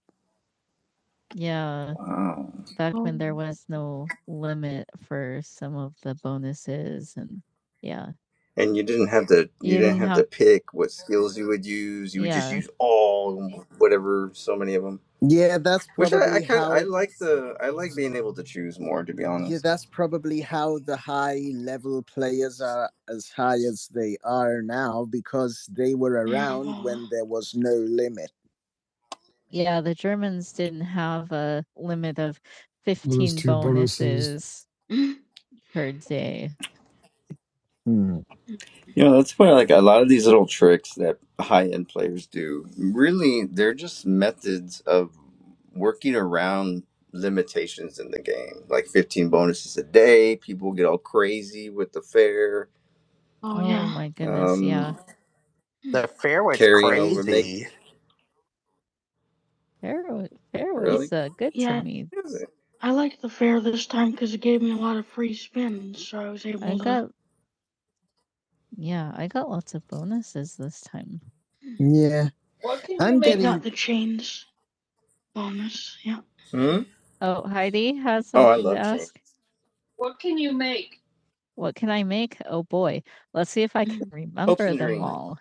[SPEAKER 1] Yeah.
[SPEAKER 2] Wow.
[SPEAKER 1] back when there Oh. was no limit for some of the bonuses and yeah,
[SPEAKER 2] And you didn't have to
[SPEAKER 1] you
[SPEAKER 2] you didn't
[SPEAKER 1] didn't
[SPEAKER 2] have to
[SPEAKER 1] have
[SPEAKER 2] pick what skills you would use. You would just
[SPEAKER 1] yeah.
[SPEAKER 2] use all whatever so many of them.
[SPEAKER 1] Yeah, that's
[SPEAKER 2] Which I, I
[SPEAKER 1] probably
[SPEAKER 2] kind of I
[SPEAKER 1] how.
[SPEAKER 2] like the I like being able to choose more to be
[SPEAKER 1] Yeah,
[SPEAKER 2] honest.
[SPEAKER 1] that's probably how the high level players are as high as they are now because they were around when there was no limit. Yeah, the Germans didn't have a limit of
[SPEAKER 3] Limits
[SPEAKER 1] 15
[SPEAKER 3] to bonuses.
[SPEAKER 1] bonuses per day. Hmm. Oh
[SPEAKER 2] You know that's why like a lot of these little tricks that high end players do really they're just methods of working around limitations in the game. Like fifteen bonuses a day, people get all crazy with the fair,
[SPEAKER 1] Oh yeah. my goodness, yeah.
[SPEAKER 2] um, carrying over make
[SPEAKER 1] Fair was fair Ye
[SPEAKER 2] really.
[SPEAKER 1] was, uh, good to yeah. me.
[SPEAKER 2] Is it?
[SPEAKER 1] I liked the fair this time because it gave me a lot of free spins, so I was I able to got yeah, I got lots of bonuses this time. Yeah, I think I'm I got getting the chains bonus, yeah.
[SPEAKER 2] Hmm?
[SPEAKER 1] Oh, Heidi has
[SPEAKER 2] Oh, I
[SPEAKER 1] something to
[SPEAKER 2] love change.
[SPEAKER 1] ask. What can I make? Oh boy, let's see if I can Mhm.
[SPEAKER 2] Hopes
[SPEAKER 1] remember
[SPEAKER 2] and
[SPEAKER 1] them
[SPEAKER 2] dreams.
[SPEAKER 1] all.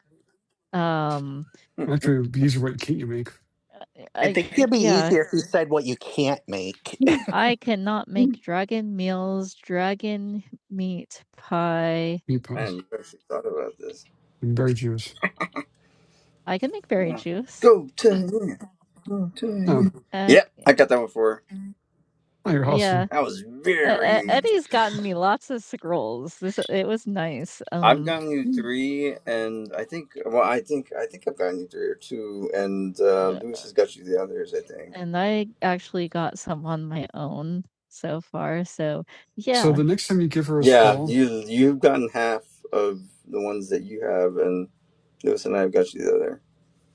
[SPEAKER 1] Um,
[SPEAKER 3] Actually, these are what can't you make?
[SPEAKER 1] uh, I I think it'd be yeah. easier if you said what you can't make. I cannot Mm. make dragon meals, dragon meat pie.
[SPEAKER 3] Meat
[SPEAKER 2] Man,
[SPEAKER 3] pies
[SPEAKER 2] you actually thought about this.
[SPEAKER 3] and berry juice.
[SPEAKER 1] I can make berry
[SPEAKER 2] Huh.
[SPEAKER 1] juice.
[SPEAKER 2] Go to
[SPEAKER 1] Mm.
[SPEAKER 2] you. Go to
[SPEAKER 3] Oh,
[SPEAKER 2] you.
[SPEAKER 1] Uh,
[SPEAKER 2] Yep,
[SPEAKER 1] c
[SPEAKER 2] I got that one for her.
[SPEAKER 3] oh, you're
[SPEAKER 1] yeah.
[SPEAKER 3] awesome.
[SPEAKER 2] That was
[SPEAKER 1] E E
[SPEAKER 2] very.
[SPEAKER 1] Eddie's gotten me lots of scrolls. This it was nice,
[SPEAKER 2] I've
[SPEAKER 1] um,
[SPEAKER 2] gotten you
[SPEAKER 1] Mm.
[SPEAKER 2] three, and I think. Well, I think I think I've gotten you three or two, and uh,
[SPEAKER 1] uh,
[SPEAKER 2] Lewis has got you the others. I think.
[SPEAKER 1] and I actually got some on my own so far, so
[SPEAKER 3] So
[SPEAKER 1] yeah.
[SPEAKER 3] the next time you give her a
[SPEAKER 2] Yeah,
[SPEAKER 3] scroll,
[SPEAKER 2] you you've gotten half of the ones that you have, and Lewis and I have got you the other.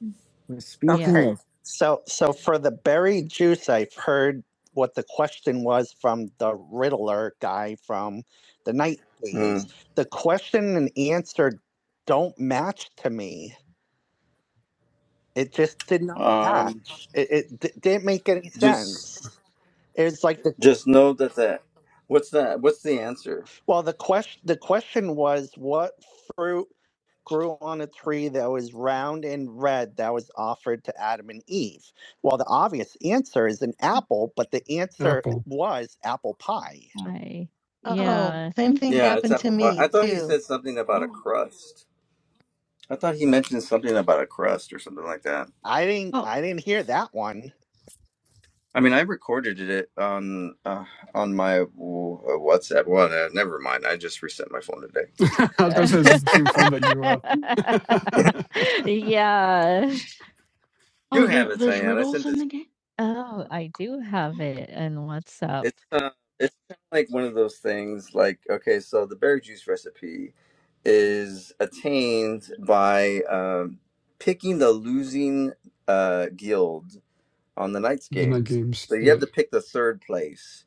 [SPEAKER 1] Mm. Well, Yeah. speaking yeah. Okay, of so so for the berry juice, I've heard what the question was from the Riddler, the not
[SPEAKER 2] Mm.
[SPEAKER 1] the don't it just
[SPEAKER 2] Um,
[SPEAKER 1] matched. It it d didn't make any
[SPEAKER 2] just
[SPEAKER 1] sense.
[SPEAKER 2] just know that that. What's that? What's the answer?
[SPEAKER 3] apple.
[SPEAKER 1] pie. Hi! Oh, yeah. same thing
[SPEAKER 2] Yeah, it's
[SPEAKER 1] happened to
[SPEAKER 2] apple pie. I
[SPEAKER 1] me
[SPEAKER 2] thought he
[SPEAKER 1] too.
[SPEAKER 2] said something about a
[SPEAKER 1] Oh,
[SPEAKER 2] crust. I thought he mentioned something about a crust or something like that.
[SPEAKER 1] Think- Oh. I
[SPEAKER 2] I mean, I recorded it on uh, on my w- uh, WhatsApp. Well, no, never mind. I just reset my phone today.
[SPEAKER 3] I was going to say, this is
[SPEAKER 1] think
[SPEAKER 3] the same phone that you, uh, the
[SPEAKER 1] yeah.
[SPEAKER 2] You
[SPEAKER 1] oh,
[SPEAKER 2] have
[SPEAKER 1] there,
[SPEAKER 2] it,
[SPEAKER 1] there's
[SPEAKER 2] Cyan. I
[SPEAKER 1] riddles
[SPEAKER 2] sent
[SPEAKER 1] in
[SPEAKER 2] it. To
[SPEAKER 1] the game. Oh, I do have it in WhatsApp.
[SPEAKER 2] you. It's uh, it's kind of like one of those things. Like, okay, so the berry juice recipe is attained by um, picking the losing uh, guild on the Knights game.
[SPEAKER 3] night games.
[SPEAKER 2] So you
[SPEAKER 3] Yeah.
[SPEAKER 2] have to pick the third place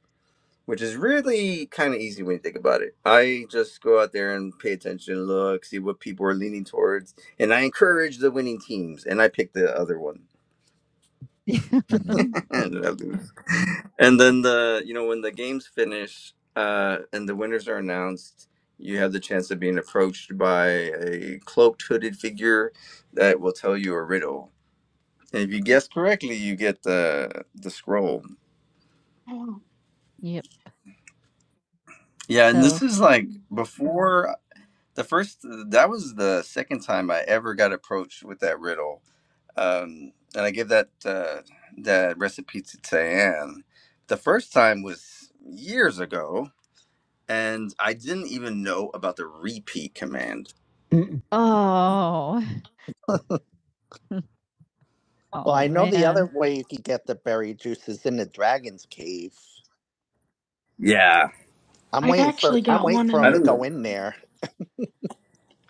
[SPEAKER 2] which is really kind of easy when you think about it. I just go out there and pay attention, look, see what people are leaning towards, and I encourage the winning teams, and I pick the other one,
[SPEAKER 1] Oh.
[SPEAKER 2] and I lose. and then the you know when the games finish uh, and the winners are announced, you have the chance of being approached by a cloaked, hooded figure that will tell you a riddle. And if you
[SPEAKER 1] Mhm.
[SPEAKER 2] guess correctly, you get the the scroll.
[SPEAKER 1] Oh, Yep.
[SPEAKER 2] Yeah, and
[SPEAKER 1] So.
[SPEAKER 2] this is like
[SPEAKER 1] Mm.
[SPEAKER 2] before the first that was the second time I ever got approached with that riddle, um, and I gave that uh, that recipe to Tayanne. The first time was years ago, and I didn't even know about the repeat command.
[SPEAKER 3] Mm,
[SPEAKER 1] Oh. well, oh I know the man. other.
[SPEAKER 2] Yeah,
[SPEAKER 1] I'm I've waiting for. actually I'm got one waiting in for in him
[SPEAKER 2] I
[SPEAKER 1] to the-
[SPEAKER 2] don't
[SPEAKER 1] go.
[SPEAKER 2] know.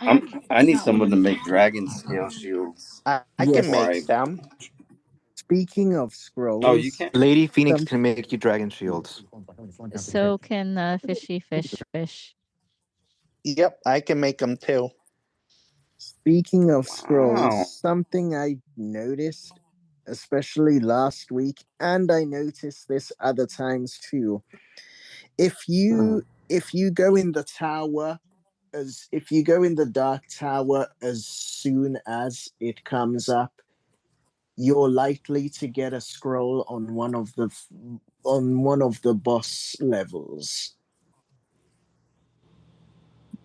[SPEAKER 1] I
[SPEAKER 2] I'm. I
[SPEAKER 1] actually
[SPEAKER 2] need
[SPEAKER 1] got one
[SPEAKER 2] someone
[SPEAKER 1] in
[SPEAKER 2] to
[SPEAKER 1] the Dark
[SPEAKER 2] make
[SPEAKER 1] Tower.
[SPEAKER 2] dragon scale shields
[SPEAKER 1] I, I Yes. can Yes.
[SPEAKER 2] before
[SPEAKER 1] make
[SPEAKER 2] I.
[SPEAKER 1] Speaking of
[SPEAKER 2] Oh, you
[SPEAKER 1] scrolls,
[SPEAKER 2] can't.
[SPEAKER 1] Lady Phoenix Um, can make you dragon shields. So can uh, fishy fish fish. Yep, I can make them too. speaking of scrolls,
[SPEAKER 2] Wow.
[SPEAKER 1] something I noticed, especially last week, and I noticed this other times too. If you if you go in the tower as if you go in the dark tower as soon as it comes up, you're likely to get a scroll on one of the on one of the boss levels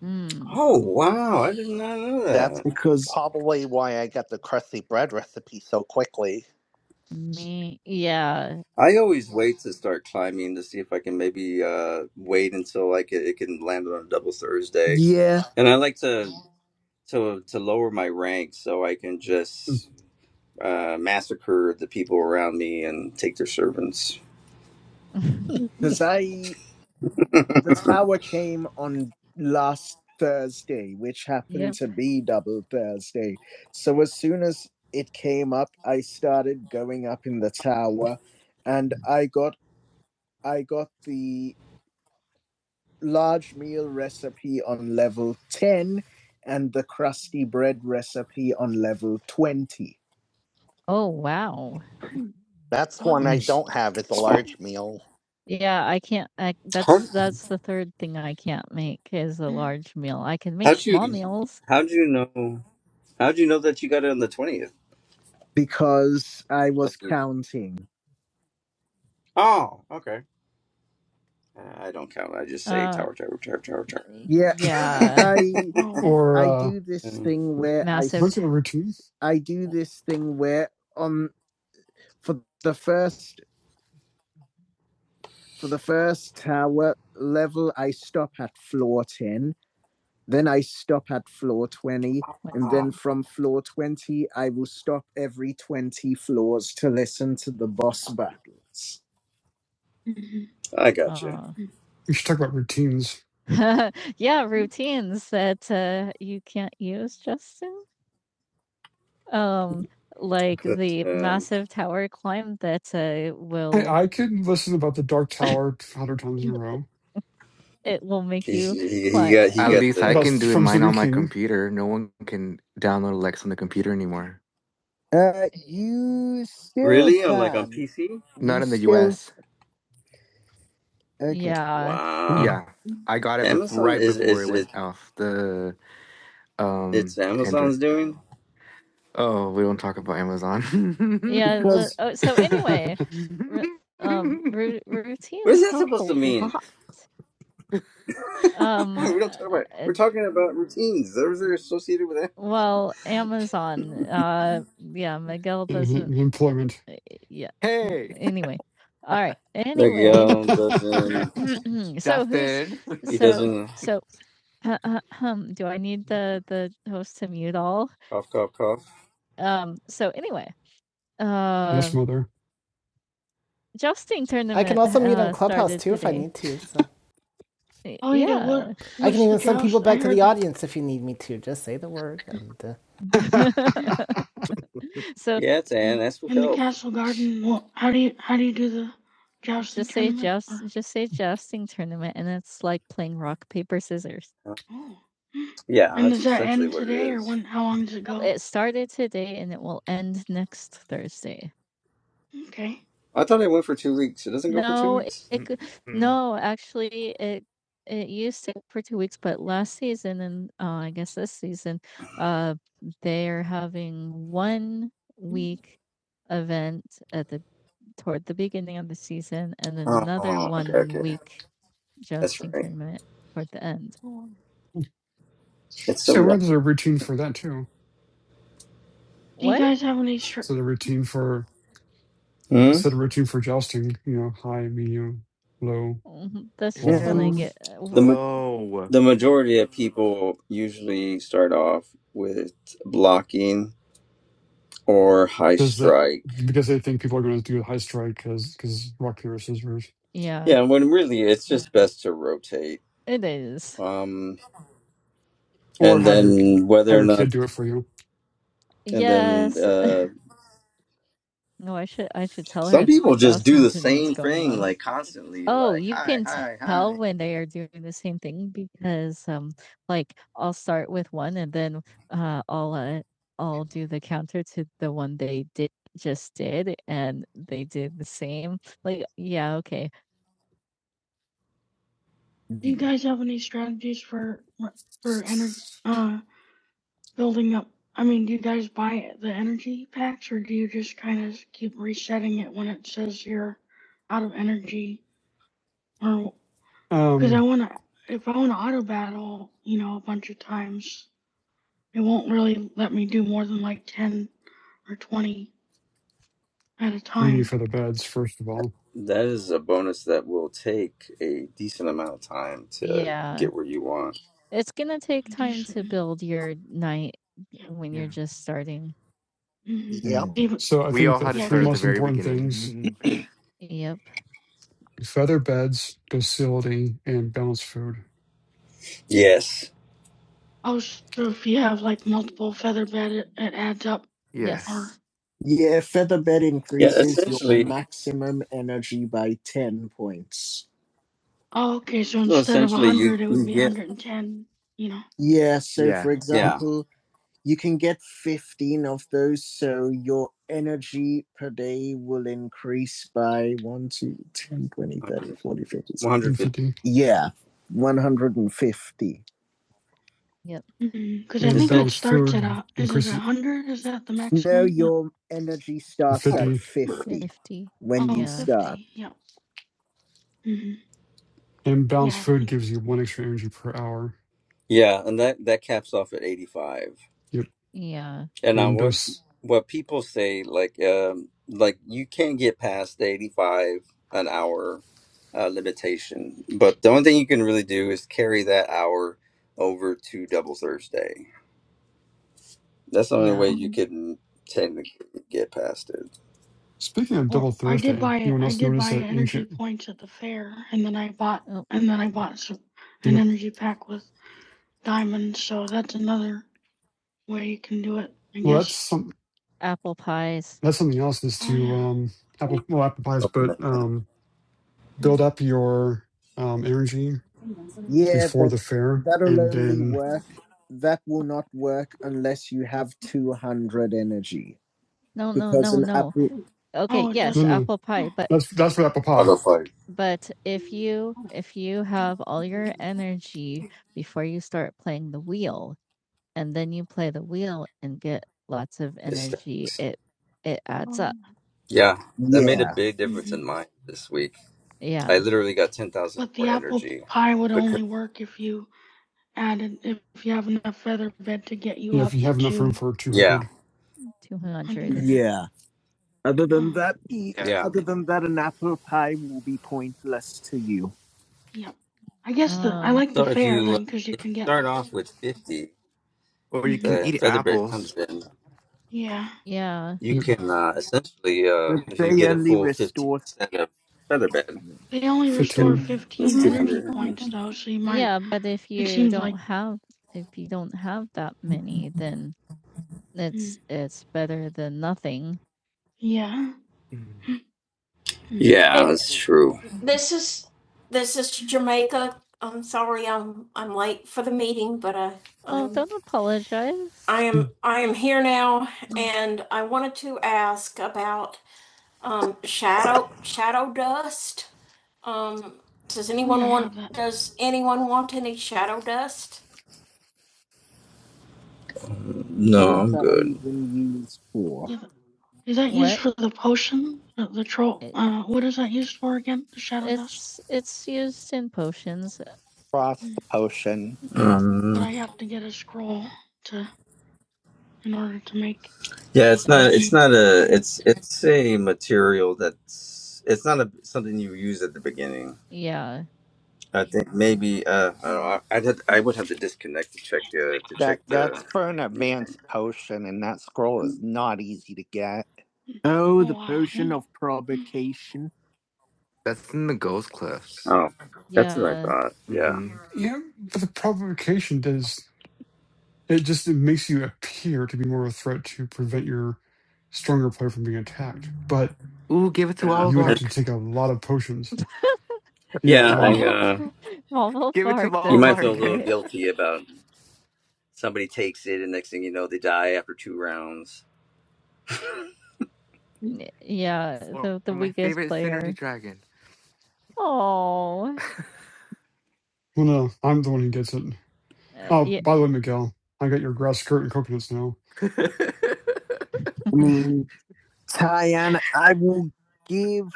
[SPEAKER 1] Mm,
[SPEAKER 2] Oh wow! I did not know
[SPEAKER 1] That's
[SPEAKER 2] that.
[SPEAKER 1] because probably why I got the crusty bread recipe so quickly. me, yeah.
[SPEAKER 2] I always wait to start climbing to see if I can maybe uh, wait until like it, it can land on a double Thursday.
[SPEAKER 1] yeah
[SPEAKER 2] And I like to to to lower my rank so I can
[SPEAKER 3] mm,
[SPEAKER 2] just uh, massacre the people around me and take their servants.
[SPEAKER 1] because i the tower came on last thursday which happened Yep. to be double thursday so as soon as it came up i started going up in the tower and i got i got the large meal recipe on level 10 and the crusty bread recipe on level 20. Oh, wow. That's one I
[SPEAKER 3] Nice.
[SPEAKER 1] don't have is a large meal. Yeah, I can't. I,
[SPEAKER 2] How
[SPEAKER 1] that's that's the third thing I can't make is a Mm. large meal. I can make
[SPEAKER 2] how'd
[SPEAKER 1] small
[SPEAKER 2] you
[SPEAKER 1] meals.
[SPEAKER 2] how'd you know how'd you know that you got it on the twentieth?
[SPEAKER 1] Because I
[SPEAKER 2] Like
[SPEAKER 1] was
[SPEAKER 2] you're-
[SPEAKER 1] counting.
[SPEAKER 2] oh okay. Uh, I don't count. I just say
[SPEAKER 1] Uh,
[SPEAKER 2] tower, tower, tower, tower,
[SPEAKER 1] Yeah, yeah.
[SPEAKER 2] tower.
[SPEAKER 1] I Oh,
[SPEAKER 3] Or
[SPEAKER 1] I
[SPEAKER 3] uh,
[SPEAKER 1] do this thing where massive. I massive.
[SPEAKER 3] don't you have a routine?
[SPEAKER 1] do this thing where on for the first for the first tower level, I stop at floor 10, then I stop at floor 20, and then from floor 20, I will stop every 20 floors to listen to the boss battles.
[SPEAKER 2] I got
[SPEAKER 1] Oh.
[SPEAKER 3] We should talk about routines.
[SPEAKER 1] yeah, routines that uh, you can't use, Justin. Um, like the
[SPEAKER 2] you.
[SPEAKER 1] massive tower climb that uh,
[SPEAKER 3] I,
[SPEAKER 1] will
[SPEAKER 3] I could listen about the Dark Tower a hundred times in a row.
[SPEAKER 1] It will make
[SPEAKER 2] He's,
[SPEAKER 1] you
[SPEAKER 2] he he
[SPEAKER 1] quiet.
[SPEAKER 2] got he
[SPEAKER 1] At
[SPEAKER 2] got
[SPEAKER 1] least I
[SPEAKER 3] About
[SPEAKER 2] the
[SPEAKER 1] can do it
[SPEAKER 3] from
[SPEAKER 1] mine
[SPEAKER 3] Stephen
[SPEAKER 1] on my
[SPEAKER 3] King.
[SPEAKER 1] computer. No one can download Lex on the computer anymore. Uh, you still
[SPEAKER 2] really on like on
[SPEAKER 1] can.
[SPEAKER 2] PC.
[SPEAKER 1] You Not in the still- US. Okay. Yeah.
[SPEAKER 2] Wow,
[SPEAKER 3] Ooh,
[SPEAKER 1] Yeah. I got
[SPEAKER 2] Amazon is is it
[SPEAKER 1] uh, the, um
[SPEAKER 2] it's
[SPEAKER 1] Android.
[SPEAKER 2] Amazon's doing.
[SPEAKER 1] Oh, we don't talk about Amazon. Yeah. le- Because- oh, so anyway, ru- um, ru-
[SPEAKER 2] What is
[SPEAKER 1] routines
[SPEAKER 2] that
[SPEAKER 1] help a
[SPEAKER 2] supposed to mean?
[SPEAKER 1] lot. Um, uh,
[SPEAKER 2] we don't talk about.
[SPEAKER 1] uh,
[SPEAKER 2] We're talking about routines. Those are associated with that.
[SPEAKER 1] well, Amazon. Uh, yeah, Miguel doesn't
[SPEAKER 3] employment.
[SPEAKER 1] Yeah. Mm, Hey, Anyway. All right. Anyway.
[SPEAKER 2] Miguel
[SPEAKER 1] so
[SPEAKER 2] doesn't.
[SPEAKER 1] who's Dustin.
[SPEAKER 2] He
[SPEAKER 1] so
[SPEAKER 2] doesn't
[SPEAKER 1] so uh, uh, um, do I need the the host to mute all?
[SPEAKER 2] cough cough cough.
[SPEAKER 1] Um so anyway,
[SPEAKER 3] yes,
[SPEAKER 1] uh
[SPEAKER 3] mother.
[SPEAKER 1] jousting I can tournament also mute on uh Clubhouse started too if I today. need to. So Y- Oh yeah, what? Yeah. I can the even send Joust? people I back to heard the that. audience if you need me to. Just say the word, and uh, So
[SPEAKER 2] Yeah, it's Ann.
[SPEAKER 1] Mm.
[SPEAKER 2] That's what
[SPEAKER 1] In the
[SPEAKER 2] help.
[SPEAKER 1] castle garden, well, how do you how do you do the jousting just say tournament? joust Or just say jousting tournament and it's like playing rock paper scissors. oh,
[SPEAKER 2] Yeah,
[SPEAKER 1] and
[SPEAKER 2] that's
[SPEAKER 1] does that
[SPEAKER 2] essentially
[SPEAKER 1] end
[SPEAKER 2] what it
[SPEAKER 1] today or
[SPEAKER 2] is.
[SPEAKER 1] when? How long does it No, go? it started today and it will end next Thursday. Okay.
[SPEAKER 2] I thought it went for two weeks. It doesn't go for two
[SPEAKER 1] No, it
[SPEAKER 2] weeks.
[SPEAKER 1] it Mm, could mm. no, actually, it it used to go for 2 weeks, but last season and, uh, I guess this season, uh, they're having 1 week event at the toward the beginning of the season and then another
[SPEAKER 2] Oh, okay,
[SPEAKER 1] 1
[SPEAKER 2] okay.
[SPEAKER 1] week
[SPEAKER 2] That's
[SPEAKER 1] jousting
[SPEAKER 2] right.
[SPEAKER 1] tournament toward the end. Oh.
[SPEAKER 2] It's so
[SPEAKER 3] See, I wonder
[SPEAKER 2] loud.
[SPEAKER 3] there's a routine for that too.
[SPEAKER 1] Do you what?" guys have any str
[SPEAKER 3] So the routine for
[SPEAKER 2] Hmm?
[SPEAKER 3] instead of routine for jousting, you know, high, medium, low,
[SPEAKER 1] Mhm, that's just
[SPEAKER 3] block,
[SPEAKER 1] when I It's get, uh, w
[SPEAKER 2] The
[SPEAKER 1] slow.
[SPEAKER 2] the majority of people usually start off with blocking or high
[SPEAKER 3] because they
[SPEAKER 2] strike.
[SPEAKER 3] because they think people are going to do a high strike because because rock paper scissors.
[SPEAKER 1] Yeah,
[SPEAKER 2] Yeah, when really it's just best to rotate.
[SPEAKER 1] it is.
[SPEAKER 2] Um,
[SPEAKER 3] or
[SPEAKER 2] and
[SPEAKER 3] have your
[SPEAKER 2] then
[SPEAKER 3] have
[SPEAKER 2] whether or
[SPEAKER 3] your
[SPEAKER 2] not,
[SPEAKER 3] kid do it for you.
[SPEAKER 2] and then
[SPEAKER 1] Yes.
[SPEAKER 2] uh,
[SPEAKER 1] No, I should I should tell her
[SPEAKER 2] some
[SPEAKER 1] that the
[SPEAKER 2] people just do
[SPEAKER 1] jousting
[SPEAKER 2] the
[SPEAKER 1] tournament's
[SPEAKER 2] same
[SPEAKER 1] going
[SPEAKER 2] thing
[SPEAKER 1] on.
[SPEAKER 2] like constantly,
[SPEAKER 1] Oh,
[SPEAKER 2] like
[SPEAKER 1] you
[SPEAKER 2] hi,
[SPEAKER 1] can t-
[SPEAKER 2] hi,
[SPEAKER 1] tell
[SPEAKER 2] hi.
[SPEAKER 1] when they are doing the same thing because um like I'll start with one and then uh I'll uh, I'll do the counter to the one they did just did and they did the same. Like yeah, okay. Do you guys have any strategies for for energy uh building up? I mean, do you guys buy the energy packs or do you just kind of keep resetting it when it says you're out of energy? Well, cause
[SPEAKER 3] Um,
[SPEAKER 1] I wanna if I wanna auto battle, you know, a bunch of times, it won't really let me do more than, like, 10 or 20 at a
[SPEAKER 3] you need
[SPEAKER 1] time.
[SPEAKER 3] feather beds first of all.
[SPEAKER 2] That is a bonus that will take a decent amount of time to
[SPEAKER 1] Yeah.
[SPEAKER 2] get where you want.
[SPEAKER 1] It's gonna take time to is. build your night Yeah. when you're Yeah. just starting. Mhm. Yep. Mm. Even
[SPEAKER 3] So I
[SPEAKER 1] We
[SPEAKER 3] think
[SPEAKER 1] all
[SPEAKER 3] the
[SPEAKER 1] had to Yeah,
[SPEAKER 3] three
[SPEAKER 1] start at 'cause the
[SPEAKER 3] most
[SPEAKER 1] very
[SPEAKER 3] important things:
[SPEAKER 1] beginning. Yep.
[SPEAKER 3] feather beds, docility, and balanced food.
[SPEAKER 2] Yes.
[SPEAKER 1] Oh, so if you have like multiple feather bed, it, it adds up. Yes. Or Yeah, feather bed
[SPEAKER 2] Yeah.
[SPEAKER 1] increases your
[SPEAKER 2] Essentially.
[SPEAKER 1] maximum energy by 10 points. oh, okay, so
[SPEAKER 2] So
[SPEAKER 1] instead of a
[SPEAKER 2] essentially, you
[SPEAKER 1] hundred, it would
[SPEAKER 2] you
[SPEAKER 1] be
[SPEAKER 2] get
[SPEAKER 1] hundred and ten. You know. Yeah, so Yeah. for
[SPEAKER 3] Yep,
[SPEAKER 2] yeah.
[SPEAKER 1] example, you can get 15 of those, so your energy per day will increase by 1, 2, ten, twenty, thirty, forty,
[SPEAKER 2] 150.
[SPEAKER 1] fifty. 60.
[SPEAKER 3] one
[SPEAKER 2] 150.
[SPEAKER 3] fifty.
[SPEAKER 1] Yeah, 150. Yep. because I
[SPEAKER 2] It
[SPEAKER 3] And
[SPEAKER 1] think
[SPEAKER 2] said
[SPEAKER 1] it
[SPEAKER 3] balanced
[SPEAKER 1] starts at
[SPEAKER 3] food
[SPEAKER 1] a is it
[SPEAKER 3] increases
[SPEAKER 1] 100? Is that the No, maximum? No. your energy starts
[SPEAKER 2] I don't
[SPEAKER 1] at
[SPEAKER 3] fifty.
[SPEAKER 2] remember.
[SPEAKER 1] 50 50. when Oh, you yeah. start. 50, Yep. Mhm.
[SPEAKER 3] And balanced
[SPEAKER 1] Yeah, I
[SPEAKER 3] food
[SPEAKER 1] think.
[SPEAKER 3] gives you one extra energy per hour.
[SPEAKER 2] Yeah, and that that caps off at 85.
[SPEAKER 3] Yep.
[SPEAKER 1] Yeah.
[SPEAKER 2] And on
[SPEAKER 3] And
[SPEAKER 2] what
[SPEAKER 3] dos.
[SPEAKER 2] what people say like um like you can't get past the 85 an hour uh, limitation. But the only thing you can really do is carry that hour over to double Thursday. That's the only
[SPEAKER 1] Yeah.
[SPEAKER 2] way you
[SPEAKER 1] um,
[SPEAKER 2] can technically get past it.
[SPEAKER 3] Speaking of double
[SPEAKER 1] Or I did
[SPEAKER 3] Thursday,
[SPEAKER 1] buy
[SPEAKER 3] anyone
[SPEAKER 1] I
[SPEAKER 3] else
[SPEAKER 1] did
[SPEAKER 3] notice
[SPEAKER 1] buy
[SPEAKER 3] that
[SPEAKER 1] energy
[SPEAKER 3] ancient?
[SPEAKER 1] points at the fair and then I bought Oh, and then I bought some, an
[SPEAKER 3] Yep.
[SPEAKER 1] energy pack with diamonds, so that's another way you can do it, I
[SPEAKER 3] Well, that's
[SPEAKER 1] guess.
[SPEAKER 3] some.
[SPEAKER 1] apple pies.
[SPEAKER 3] That's something else is
[SPEAKER 1] Oh
[SPEAKER 3] to
[SPEAKER 1] yeah.
[SPEAKER 3] um, apple well apple pies,
[SPEAKER 2] Open
[SPEAKER 3] but
[SPEAKER 2] that
[SPEAKER 3] um,
[SPEAKER 1] Mhm.
[SPEAKER 3] build up your um, energy
[SPEAKER 1] Yeah,
[SPEAKER 3] before
[SPEAKER 1] but
[SPEAKER 3] the fair,
[SPEAKER 1] that'll
[SPEAKER 3] and
[SPEAKER 1] only
[SPEAKER 3] then
[SPEAKER 1] work. That will not work unless you have 200 energy. No, no, no, no. apple. Okay, Oh, it
[SPEAKER 3] no,
[SPEAKER 1] yes, no.
[SPEAKER 3] no,
[SPEAKER 1] apple pie, yeah. but
[SPEAKER 3] that's that's for apple pie.
[SPEAKER 2] Other fight.
[SPEAKER 1] but if you if you have all your energy before you start playing the wheel and then you play the wheel and get lots of
[SPEAKER 2] It
[SPEAKER 1] energy,
[SPEAKER 2] stacks.
[SPEAKER 1] it it adds oh. up.
[SPEAKER 2] Yeah, that made a
[SPEAKER 1] Yeah.
[SPEAKER 2] big difference
[SPEAKER 1] Mhm.
[SPEAKER 2] in mine this week. I
[SPEAKER 1] Yeah.
[SPEAKER 2] literally got ten thousand
[SPEAKER 1] But the
[SPEAKER 2] more
[SPEAKER 1] apple
[SPEAKER 2] energy.
[SPEAKER 1] pie would
[SPEAKER 2] Because,
[SPEAKER 1] only work if you added if you have enough feather bed to get you
[SPEAKER 3] Yeah, if
[SPEAKER 1] up
[SPEAKER 3] you have enough room
[SPEAKER 1] to.
[SPEAKER 3] for two
[SPEAKER 2] yeah,
[SPEAKER 3] hundred,
[SPEAKER 1] 200. Yeah. Other than that, the,
[SPEAKER 2] yeah.
[SPEAKER 1] other than that, an apple pie will be pointless to you. Yeah, I guess uh, the I Ah. like the
[SPEAKER 2] So if
[SPEAKER 1] fair
[SPEAKER 2] you uh,
[SPEAKER 1] then because you
[SPEAKER 2] if you
[SPEAKER 1] can get
[SPEAKER 2] start off with fifty,
[SPEAKER 1] Or you Mhm. can
[SPEAKER 2] the
[SPEAKER 1] eat
[SPEAKER 2] featherbed comes
[SPEAKER 1] apples.
[SPEAKER 2] in.
[SPEAKER 1] yeah. Yeah.
[SPEAKER 2] You
[SPEAKER 3] you
[SPEAKER 2] can uh, essentially, uh,
[SPEAKER 1] But
[SPEAKER 2] if you
[SPEAKER 1] they
[SPEAKER 2] get a
[SPEAKER 1] only
[SPEAKER 2] full fifteen
[SPEAKER 1] restore.
[SPEAKER 2] set of featherbed,
[SPEAKER 1] They only
[SPEAKER 2] you
[SPEAKER 1] restore
[SPEAKER 3] fifteen.
[SPEAKER 2] can.
[SPEAKER 1] fifteen
[SPEAKER 2] That's two
[SPEAKER 1] energy
[SPEAKER 2] hundred.
[SPEAKER 1] points though, so you might yeah, but if you don't like- have if you don't have that many, then it's mm. it's better than nothing. Yeah. Mhm. Mhm.
[SPEAKER 2] Yeah, that's true.
[SPEAKER 1] This is this is Jamaica. I'm sorry I'm I'm late for the meeting, but I Oh, I'm don't apologize. I am Mm, and does anyone yeah, want but- does What
[SPEAKER 2] No,
[SPEAKER 1] is
[SPEAKER 2] I'm
[SPEAKER 1] that
[SPEAKER 2] good.
[SPEAKER 1] even used for? Yeah, but is that used What? for the potion? The, the troll? It- Uh, what is that used for again? The shadow dust? It's it's used in potions. Frost Mm. potion. But I
[SPEAKER 2] Um,
[SPEAKER 1] have to get a scroll to in order to make.
[SPEAKER 2] yeah, it's not. It's
[SPEAKER 1] It's
[SPEAKER 2] not a. It's it's a material that's. It's not a something you use at the beginning.
[SPEAKER 1] yeah.
[SPEAKER 2] I think maybe uh, I don't
[SPEAKER 1] Mm.
[SPEAKER 2] know, I'd have to,
[SPEAKER 1] Yeah.
[SPEAKER 2] I would have to disconnect to check the to check
[SPEAKER 1] That
[SPEAKER 2] the.
[SPEAKER 1] that's for an
[SPEAKER 2] let me see.
[SPEAKER 1] advanced potion, and that scroll is not easy to get. Oh, the potion of provocation. That's in the Ghost Cliffs.
[SPEAKER 2] Oh, that's what I
[SPEAKER 1] Yeah.
[SPEAKER 2] thought. Yeah,
[SPEAKER 1] Mm-hmm.
[SPEAKER 3] Yeah, but the provocation does it just it makes you appear to be more of a threat to prevent your stronger player from being attacked. But
[SPEAKER 1] Ooh, give it to
[SPEAKER 2] yeah,
[SPEAKER 3] you would have
[SPEAKER 2] And-
[SPEAKER 1] Olivark.
[SPEAKER 3] to take a lot of potions. Yeah,
[SPEAKER 2] yeah. I
[SPEAKER 3] well,
[SPEAKER 1] Waffle
[SPEAKER 2] uh,
[SPEAKER 1] Waffle Give it to
[SPEAKER 2] you
[SPEAKER 1] does
[SPEAKER 2] might feel a
[SPEAKER 1] Olivark.
[SPEAKER 2] little
[SPEAKER 1] it.
[SPEAKER 2] guilty about somebody takes it, and next thing you know, they die after two rounds.
[SPEAKER 1] Yeah, Or- the the or my favorite player. Synergy Dragon. Oh,
[SPEAKER 3] well, no, I'm the one who gets it.
[SPEAKER 1] uh,
[SPEAKER 3] Oh,
[SPEAKER 1] yeah.
[SPEAKER 3] by the way, Miguel, I got your grass skirt and coconuts now.
[SPEAKER 1] I mean, Tyann, I will give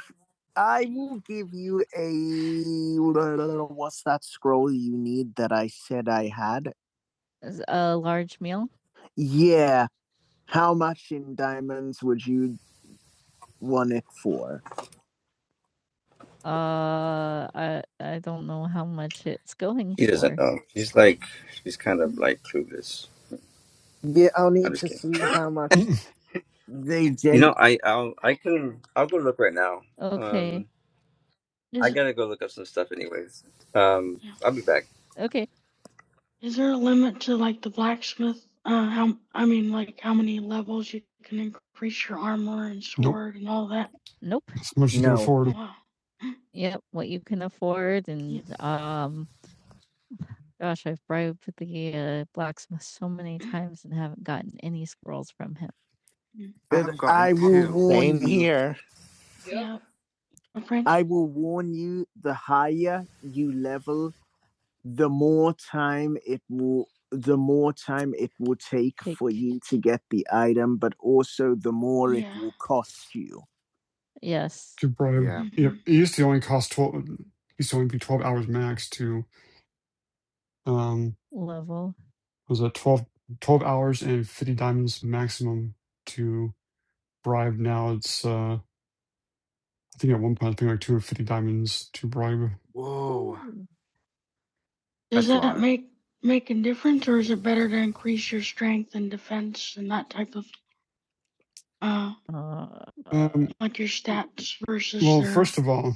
[SPEAKER 1] I will give you a what's that scroll you need that I said I had? a large meal? Yeah. How much in diamonds would you want it for? Uh, I I don't know how much it's going
[SPEAKER 2] She doesn't
[SPEAKER 1] for.
[SPEAKER 2] know. She's like she's kind of like clueless.
[SPEAKER 1] Yeah, I'll
[SPEAKER 2] I'm
[SPEAKER 1] need
[SPEAKER 2] just
[SPEAKER 1] to
[SPEAKER 2] kidding.
[SPEAKER 1] see how much
[SPEAKER 3] Mm-mm.
[SPEAKER 1] they
[SPEAKER 2] You
[SPEAKER 1] gen
[SPEAKER 2] know, I I'll I can I'll go look right now.
[SPEAKER 1] Okay,
[SPEAKER 2] Um, I
[SPEAKER 1] Is it?
[SPEAKER 2] gotta go look up some stuff anyways. Um, I'll be back.
[SPEAKER 1] okay. Is there a limit to, like, the blacksmith? Uh, how I mean, like, how many levels you can increase your armor and
[SPEAKER 3] nope,
[SPEAKER 1] sword and all that? Nope.
[SPEAKER 3] that's how much you can
[SPEAKER 1] No.
[SPEAKER 3] afford.
[SPEAKER 1] Oh, wow. Yep, what you can afford Yeah. and, um, gosh, I've bribed the, uh, blacksmith so many times and haven't gotten any scrolls from him. Mm. But I've gotten I will two. warn Same you. here. Yep. Yeah, my friend. I will warn you. The higher you level, the more time it will the more time it will take, Take. for you to get the item, but also the more yeah. it Yeah. will cost you. Yes.
[SPEAKER 3] could bribe.
[SPEAKER 1] Yeah.
[SPEAKER 3] yeah,
[SPEAKER 1] Mhm.
[SPEAKER 3] it used to only cost twelve. used to only be twelve hours max to um
[SPEAKER 1] Level.
[SPEAKER 3] was it 12, 12 hours and fifty diamonds maximum to bribe. Now it's uh I think at one point it's been like two hundred fifty diamonds to bribe.
[SPEAKER 1] Ooh, Does that make make a difference, or is it better to increase your strength and defense and that type of uh Uh, uh,
[SPEAKER 3] Um,
[SPEAKER 1] like your stats versus
[SPEAKER 3] well, first
[SPEAKER 1] their?
[SPEAKER 3] of all,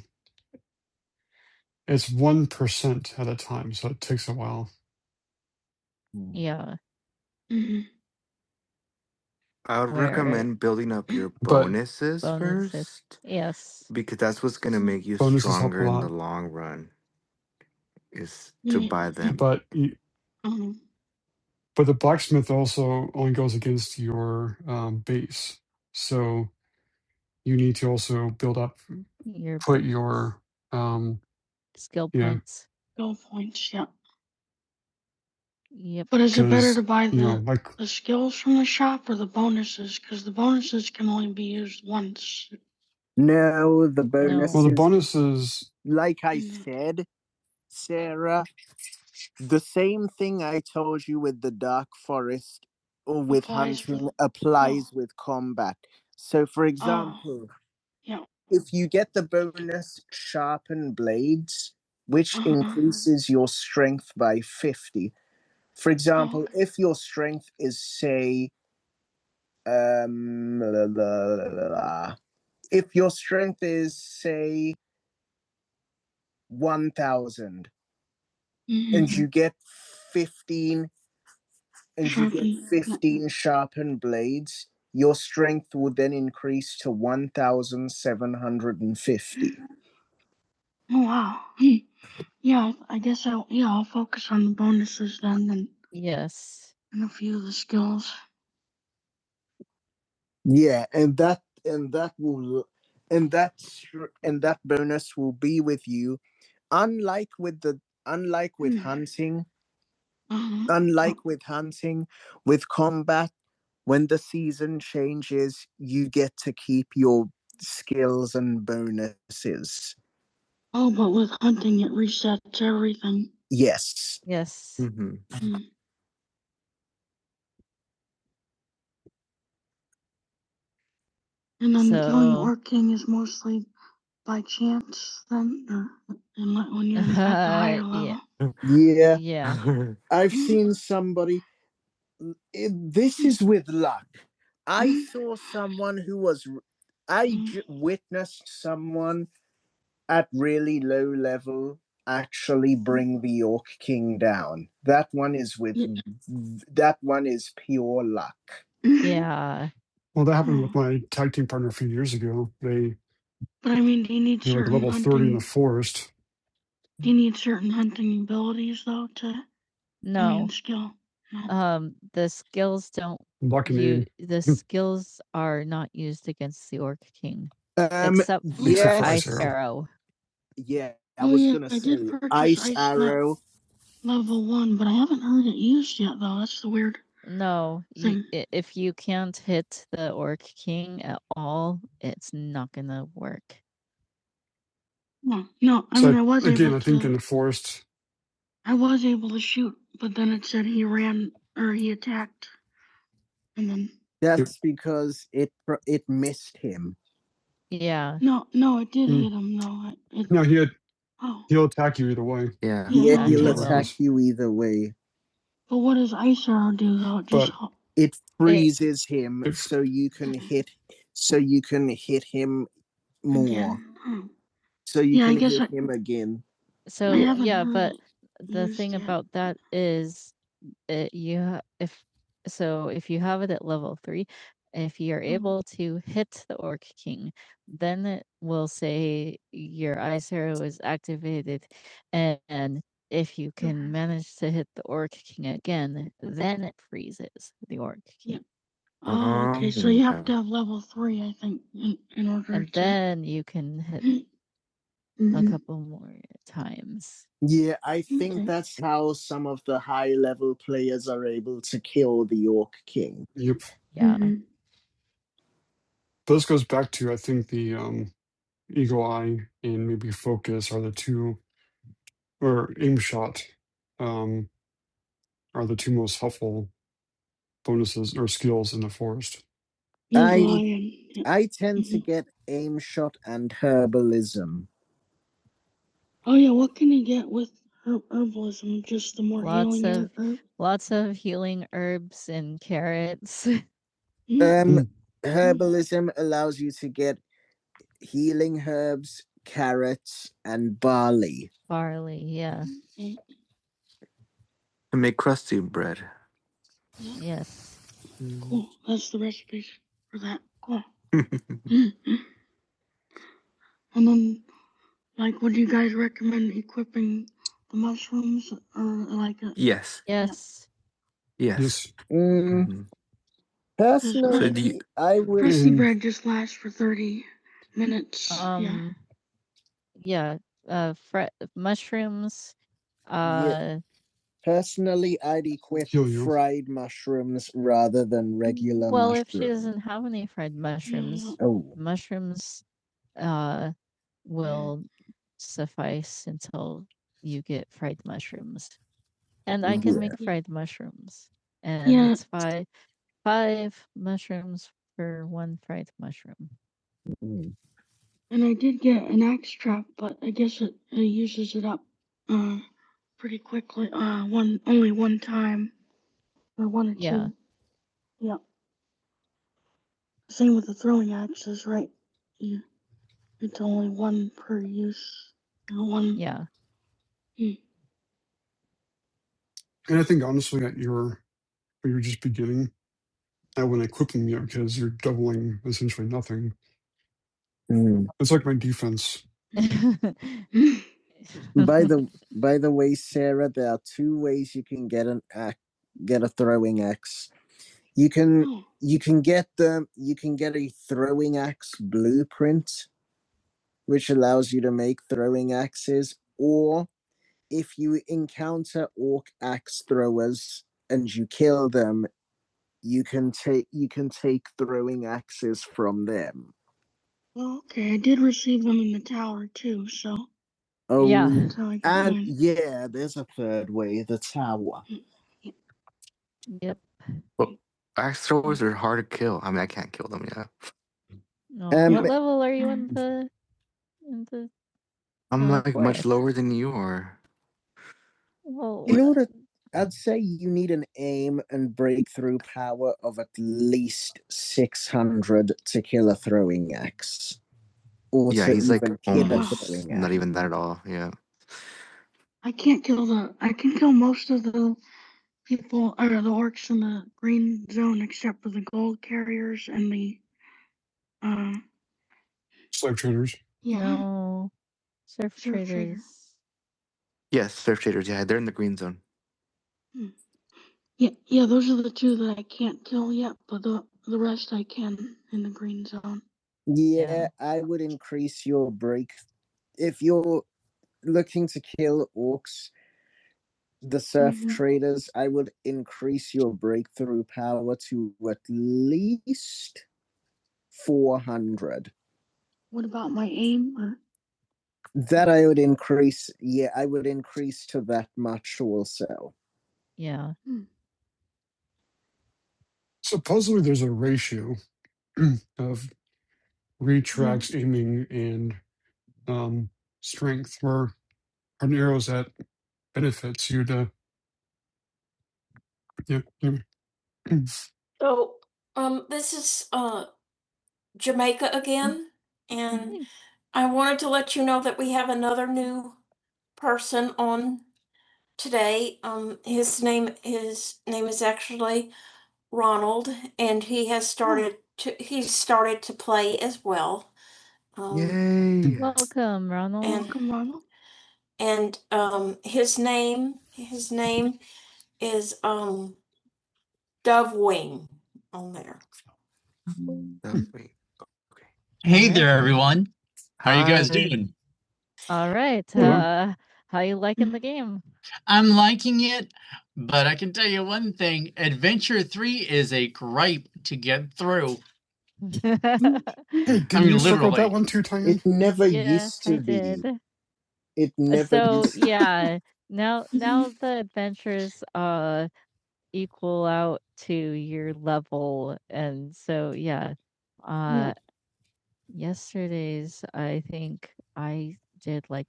[SPEAKER 3] it's one percent at a time, so it takes a while.
[SPEAKER 1] yeah. hmm I would Where- recommend building up your
[SPEAKER 3] But
[SPEAKER 1] bonuses. first Yes. because that's what's going to make you
[SPEAKER 3] bonuses help a
[SPEAKER 1] stronger in the
[SPEAKER 3] lot.
[SPEAKER 1] long run is to Yeah. buy them.
[SPEAKER 3] But you,
[SPEAKER 1] hmm
[SPEAKER 3] but the blacksmith also only goes against your um, base, so you need to also build up
[SPEAKER 1] Your
[SPEAKER 3] put
[SPEAKER 1] ba- s-
[SPEAKER 3] your um
[SPEAKER 1] skill
[SPEAKER 3] yeah
[SPEAKER 1] points. Skill points, yeah. Yep. But is it better to
[SPEAKER 3] because
[SPEAKER 1] buy
[SPEAKER 3] you
[SPEAKER 1] the
[SPEAKER 3] know like
[SPEAKER 1] the skills from the shop or the bonuses? Because the bonuses can only be used once. No, the No.
[SPEAKER 3] well the
[SPEAKER 1] bonuses,
[SPEAKER 3] bonuses
[SPEAKER 1] like I Mm. said, Sarah, The same thing I told you with the dark forest or with Applies hunting oh applies yeah. with combat. So, for oh example, uh, yeah. if you get the bonus sharpened blades, which Uh-huh. increases your strength by 50. For Oh example, uh-huh. if your strength is, say, um, la, la, la, la, if your strength is, say, 1000 and mm-hmm. and you get fifteen. and you get yeah. 15 sharpened blades, your strength would then increase to 1,750. Oh wow. yeah, I guess I'll yeah, I'll focus on the bonuses then and, Yes. and a few of the skills. Yeah, and that and that will and that and that bonus will be with you unlike with the unlike with Hmm. hunting Mhm. Unlike with hunting, with combat, when the season changes, you get to keep your skills and bonuses. Oh, but with hunting, it resets everything. Yes. Yes. Mhm. Mm. And then going So- working is mostly by chance then, or like, when you're uh, at the higher Yeah. level. Yeah. Yeah. yeah. I've seen somebody this is with luck. I saw someone who was, r- I j- witnessed someone at really low level actually bring the York King down. That one is with, that one is pure luck. Yeah.
[SPEAKER 3] well that happened with
[SPEAKER 1] I
[SPEAKER 3] my tag team partner a few years ago they
[SPEAKER 1] mean, do you need
[SPEAKER 3] they were like
[SPEAKER 1] certain
[SPEAKER 3] level 30 in the
[SPEAKER 1] hunting?
[SPEAKER 3] forest
[SPEAKER 1] Do you need certain hunting abilities though to Immune No. immune skill? No. Um, the skills don't
[SPEAKER 3] lucky
[SPEAKER 1] you
[SPEAKER 3] name
[SPEAKER 1] the skills are not used against the Orc King, Um, except for Ice
[SPEAKER 3] except for ice
[SPEAKER 1] yes.
[SPEAKER 3] arrow
[SPEAKER 1] Arrow. Yeah, I Oh, was yeah, gonna I did say purchase ice ice map. arrow. Level one, but I haven't heard it used yet though. That's the weird. No, you, Thing. i- if you can't hit the Orc King at all, it's not gonna work. No, no. I
[SPEAKER 3] so
[SPEAKER 1] mean, I was
[SPEAKER 3] I,
[SPEAKER 1] able
[SPEAKER 3] again i think in
[SPEAKER 1] to.
[SPEAKER 3] the forest
[SPEAKER 1] I was able to shoot, but then it said he ran or he attacked And then
[SPEAKER 3] you
[SPEAKER 1] That's because it it missed him. Yeah. no, no, it did
[SPEAKER 3] mm,
[SPEAKER 1] hit him No, It, it
[SPEAKER 3] no he had,
[SPEAKER 1] oh,
[SPEAKER 3] he'll attack you either way
[SPEAKER 1] Yeah. Yeah, Yeah,
[SPEAKER 3] if you
[SPEAKER 1] he'll
[SPEAKER 3] hit or
[SPEAKER 1] attack
[SPEAKER 3] miss
[SPEAKER 1] you either way. but what does ice arrow do though? Just
[SPEAKER 3] but
[SPEAKER 1] It freezes it. him,
[SPEAKER 3] if
[SPEAKER 1] so you can Mhm. hit, so you can hit him more, again. Hmm. so you Yeah, can hit I- him again. So yeah, but the thing yet. about that is Uh, you ha if so if you have it at level 3, if you're Mhm. able to hit the Orc King, then it will say your ice arrow is activated, and and if you can Mhm. manage to hit the Orc King again, then it freezes the Orc Yeah. King. Oh, okay. So Um, you have yeah. to have level three, I think, in, in order And to. then you can hit a Mhm. couple more times. Yeah, I think Okay. that's how some of the high level players are able to kill the York King.
[SPEAKER 3] yep
[SPEAKER 1] Yeah. Mhm. I-
[SPEAKER 3] this goes back to i think the um eagle eye and maybe focus are the two or aim shot um are the two most helpful bonuses or skills in the forest.
[SPEAKER 1] Yeah, Yeah. I tend to Mhm. get aim shot and herbalism. Oh yeah, what can you get with herb- herbalism? Just the more Lots healing of- herb. herb? Lots of healing herbs and carrots. Mhm. Um,
[SPEAKER 3] Mm.
[SPEAKER 1] herbalism allows you to get healing herbs, carrots, and barley. barley. Yeah. Okay. To make crusty bread. Yeah. Yes. Cool. That's the recipe for that. Cool. Mm-hmm. and then, like, would you guys recommend equipping the mushrooms or like a yes. Yes. Yeah. Yes.
[SPEAKER 3] Yes,
[SPEAKER 1] Mm, Mhm. personally, so do you- I would crusty
[SPEAKER 3] and
[SPEAKER 1] bread just lasts for thirty minutes? Um, yeah. Um. Yeah, uh, fre mushrooms, Yeah. uh Personally, I'd equip
[SPEAKER 3] heal you.
[SPEAKER 1] fried mushrooms rather than regular Well, if she mushrooms. doesn't have any fried mushrooms, Oh. mushrooms, uh, will suffice until you get fried mushrooms. And I can Yeah. make fried mushrooms, and Yeah. it's five five mushrooms for 1 fried mushroom. Mm. And I did get an axe trap, but I guess it, it uses it up uh, pretty quickly. Uh, one only one time or one or Yeah. two. Yeah. Same with the throwing axes, right? Yeah. It's only one per use. Uh, one. Yeah. Mm.
[SPEAKER 3] And I think honestly, at your when you're just beginning, I wouldn't equip them yet because you're doubling essentially nothing.
[SPEAKER 1] Mm.
[SPEAKER 3] It's like my defense
[SPEAKER 1] Mm. By the by the way, Sarah, there are two ways you can get an axe, get a throwing axe. You can Oh, you can get them. You can get a throwing axe blueprint, which allows you to make throwing axes, or if you encounter orc axe throwers and you kill them, you can take you can take throwing axes from them. Well, okay, I did receive them in the tower too, so. Oh, Yeah. so and yeah, there's a third way, the tower. Yep. Well, Axe throwers are hard to kill. I mean, I can't kill them yet. No. Um, what level are you in Um, the in the I'm Oh, like forest? much lower than you are. Oh. In order I'd say you need an aim and breakthrough power of at least 600 to kill a throwing axe, or Yeah, to he's like even hit a almost throwing not axe. even that at all. Yeah. I can't kill the. I can kill most of the people or the orcs in the green zone, except for the gold carriers and the. Uh,
[SPEAKER 3] slave traders.
[SPEAKER 1] yeah. No. Surf Surf trader. traders. Yes, surf traders. Yeah, they're in the green zone. Hmm. Yeah, yeah, those are the 2 that I can't till yet, but the the rest I can in the green zone. Yeah, I would increase your break. If you're looking to kill orcs, the surf Mhm. traders, I would increase your breakthrough power to at least 400. What about my aim? Or, That I would increase, yeah, I would increase to that much also. Yeah. hmm,
[SPEAKER 3] Supposedly, there's a ratio of
[SPEAKER 1] yeah,
[SPEAKER 3] retracts, aiming, and um, strength where an arrow's at benefits you to. Yeah, yeah.
[SPEAKER 1] So, um, this is uh Jamaica again, and Mhm. I wanted to let you know that we have another new person on today. Um, his name his name is actually Ronald. Started um, Yay! Welcome, Ronald. and Welcome, Ronald. Definitely. Okay. Hey Yeah. there, everyone. How are you guys Hi. doing? All right.
[SPEAKER 3] Hello.
[SPEAKER 1] Mm. Uh, how you liking the game? I'm liking it, but I can tell you one thing Adventure 3 is a gripe to get through. I
[SPEAKER 3] Hey, didn't you
[SPEAKER 1] mean,
[SPEAKER 3] circle that
[SPEAKER 1] literally.
[SPEAKER 3] one too,
[SPEAKER 1] It
[SPEAKER 3] Tyan?
[SPEAKER 1] never yes, used I to be. did. Uh, It never So used. yeah, now Mhm. now the adventures uh equal out to your level, and so yeah, Yeah. uh, yesterday's I think I did like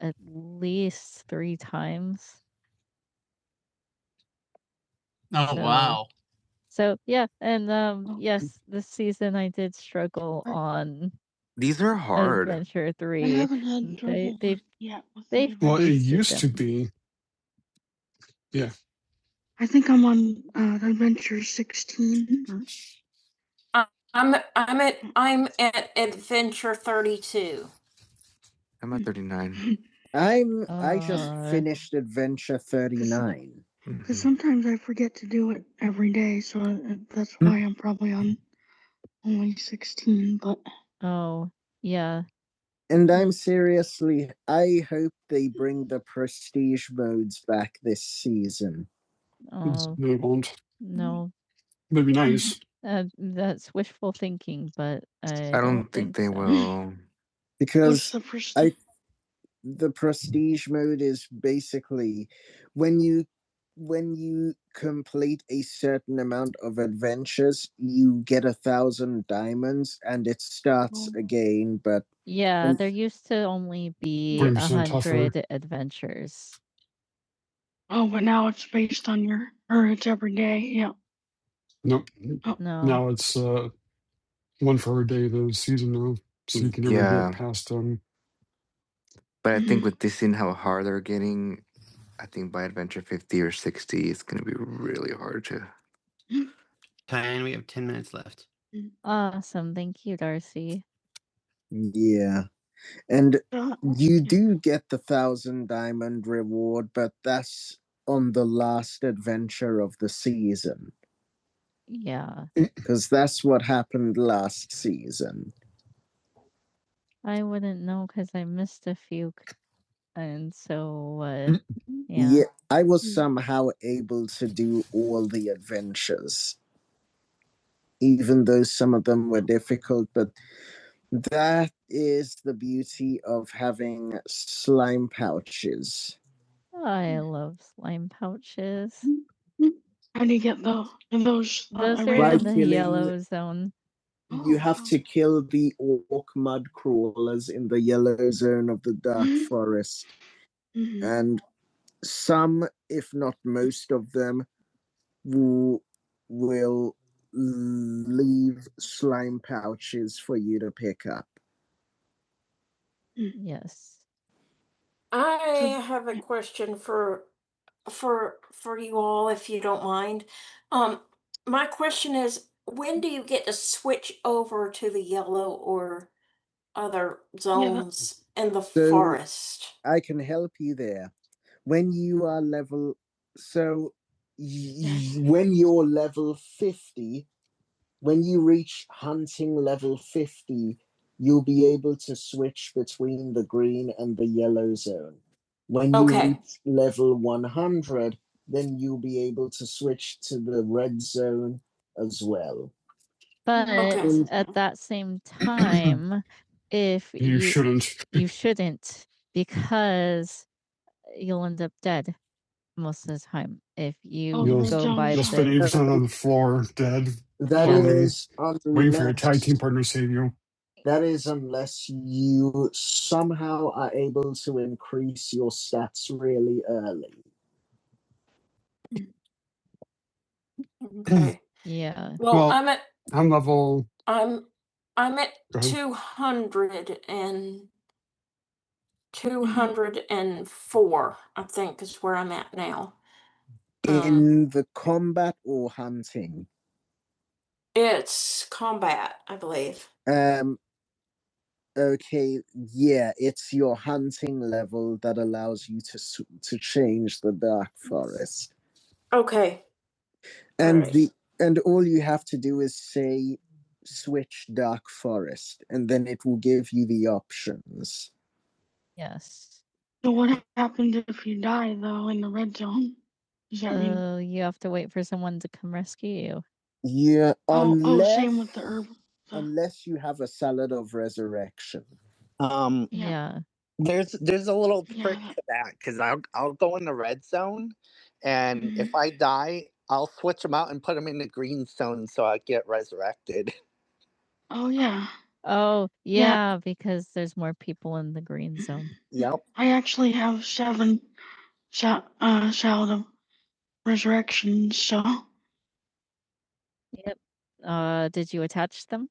[SPEAKER 1] at least 3 times. Oh, So wow. so, yeah, and, um, yes, this season I did struggle on Hard. Adventure I 3. haven't had They trouble with they've yet with the they've
[SPEAKER 3] Well,
[SPEAKER 1] adventures.
[SPEAKER 3] it
[SPEAKER 1] boosted
[SPEAKER 3] used to
[SPEAKER 1] them.
[SPEAKER 3] be. Yeah,
[SPEAKER 1] I think I'm on uh, adventure 16. or- I- I'm I'm at I'm at adventure 32. I'm at 39. I'm I just Uh, finished adventure 39. Because Mhm. sometimes I forget to do it every day, so uh, that's why I'm probably on only 16. But Oh, yeah. And I'm seriously I hope they bring the prestige modes back this season.
[SPEAKER 3] It's-
[SPEAKER 1] Oh,
[SPEAKER 3] no, it won't.
[SPEAKER 1] no.
[SPEAKER 3] would be nice.
[SPEAKER 1] Uh, that's wishful thinking, but I, I don't don't think think they so. will. Because the I the prestige mode is basically when you when you complete a certain amount of adventures, you get a thousand diamonds, and it starts Oh. again. But Yeah, there used to only be
[SPEAKER 3] Twenty
[SPEAKER 1] a
[SPEAKER 3] percent tougher.
[SPEAKER 1] hundred adventures. Oh, but now it's based on your, or it's every day. Yeah.
[SPEAKER 3] Nope.
[SPEAKER 1] Oh. No.
[SPEAKER 3] Now it's uh, one for a day of the season now, so you can never
[SPEAKER 1] Yeah,
[SPEAKER 3] get past um
[SPEAKER 1] but I think with Tyan, we have 10 minutes left. Awesome. Thank you, Darcy. yeah, And Oh, you do get the thousand diamond reward, but that's on the last adventure of the season. Yeah. Because that's what happened last season. I wouldn't know because I missed a few, c- and so uh, yeah. Yeah, I was Mm. somehow able to do all the adventures, even though some of them were difficult. But that is the beauty of having slime pouches. I Mm. love slime pouches. How do you get those? Those uh, Those are By in the killing- yellow zone. You have to kill the orc mud crawlers in the yellow zone of the dark Mhm. forest. Mhm. And some, if not most of them, will, will leave slime pouches for you to pick up. Yes. I have a question for for for you all, if you don't mind. Um, my question is, when do you get to switch over to the yellow or other Yeah. zones in the So- forest? I can help you there. When you are level, so y- y- when you're level 50, when you reach hunting level 50, you'll be able to switch between the green and the yellow zone. When you Okay. reach level 100, then you'll be able to switch to the red zone as well. But Okay. at that same time, if
[SPEAKER 3] you
[SPEAKER 1] you
[SPEAKER 3] shouldn't.
[SPEAKER 1] you shouldn't because you'll end up dead most of the time if you the
[SPEAKER 3] You'll
[SPEAKER 1] go by is-
[SPEAKER 3] you'll spend
[SPEAKER 1] the
[SPEAKER 3] eighty percent on
[SPEAKER 1] Um,
[SPEAKER 3] the floor, dead,
[SPEAKER 1] That Yeah.
[SPEAKER 3] groaning,
[SPEAKER 1] is
[SPEAKER 3] waiting for your tag
[SPEAKER 1] unless
[SPEAKER 3] team partner to save you.
[SPEAKER 1] That is unless you somehow are able to increase your stats really early. Okay. Yeah. Well,
[SPEAKER 3] well,
[SPEAKER 1] I'm at
[SPEAKER 3] I'm level.
[SPEAKER 1] I'm I'm at
[SPEAKER 3] Go ahead.
[SPEAKER 1] 200 and 204. I think is where I'm at now. Um, In the combat or hunting, It's combat, I believe. um, okay yeah it's your hunting level that allows you to s- to change the dark forest Okay. and Alright. the and all you have to do is say switch dark forest and then it will give you the options Yes. So what happens if you die though in the red zone? Does that mean Oh, you have to wait for someone to come rescue you. Yeah, oh oh unless same with the unless herb? the- unless you have a salad of resurrection. Um, Yeah. Yeah. There's there's a little Yeah, trick that- to that because I'll I'll go in the red zone, that, and Mhm. if mhm. I die, I'll switch them out and put them in the green zone so I get resurrected. Oh, yeah. Oh, Yeah. yeah, because there's more people in the green zone. Yep. I actually have seven shou uh, shout of resurrections, so Yep. Uh, did you attach them?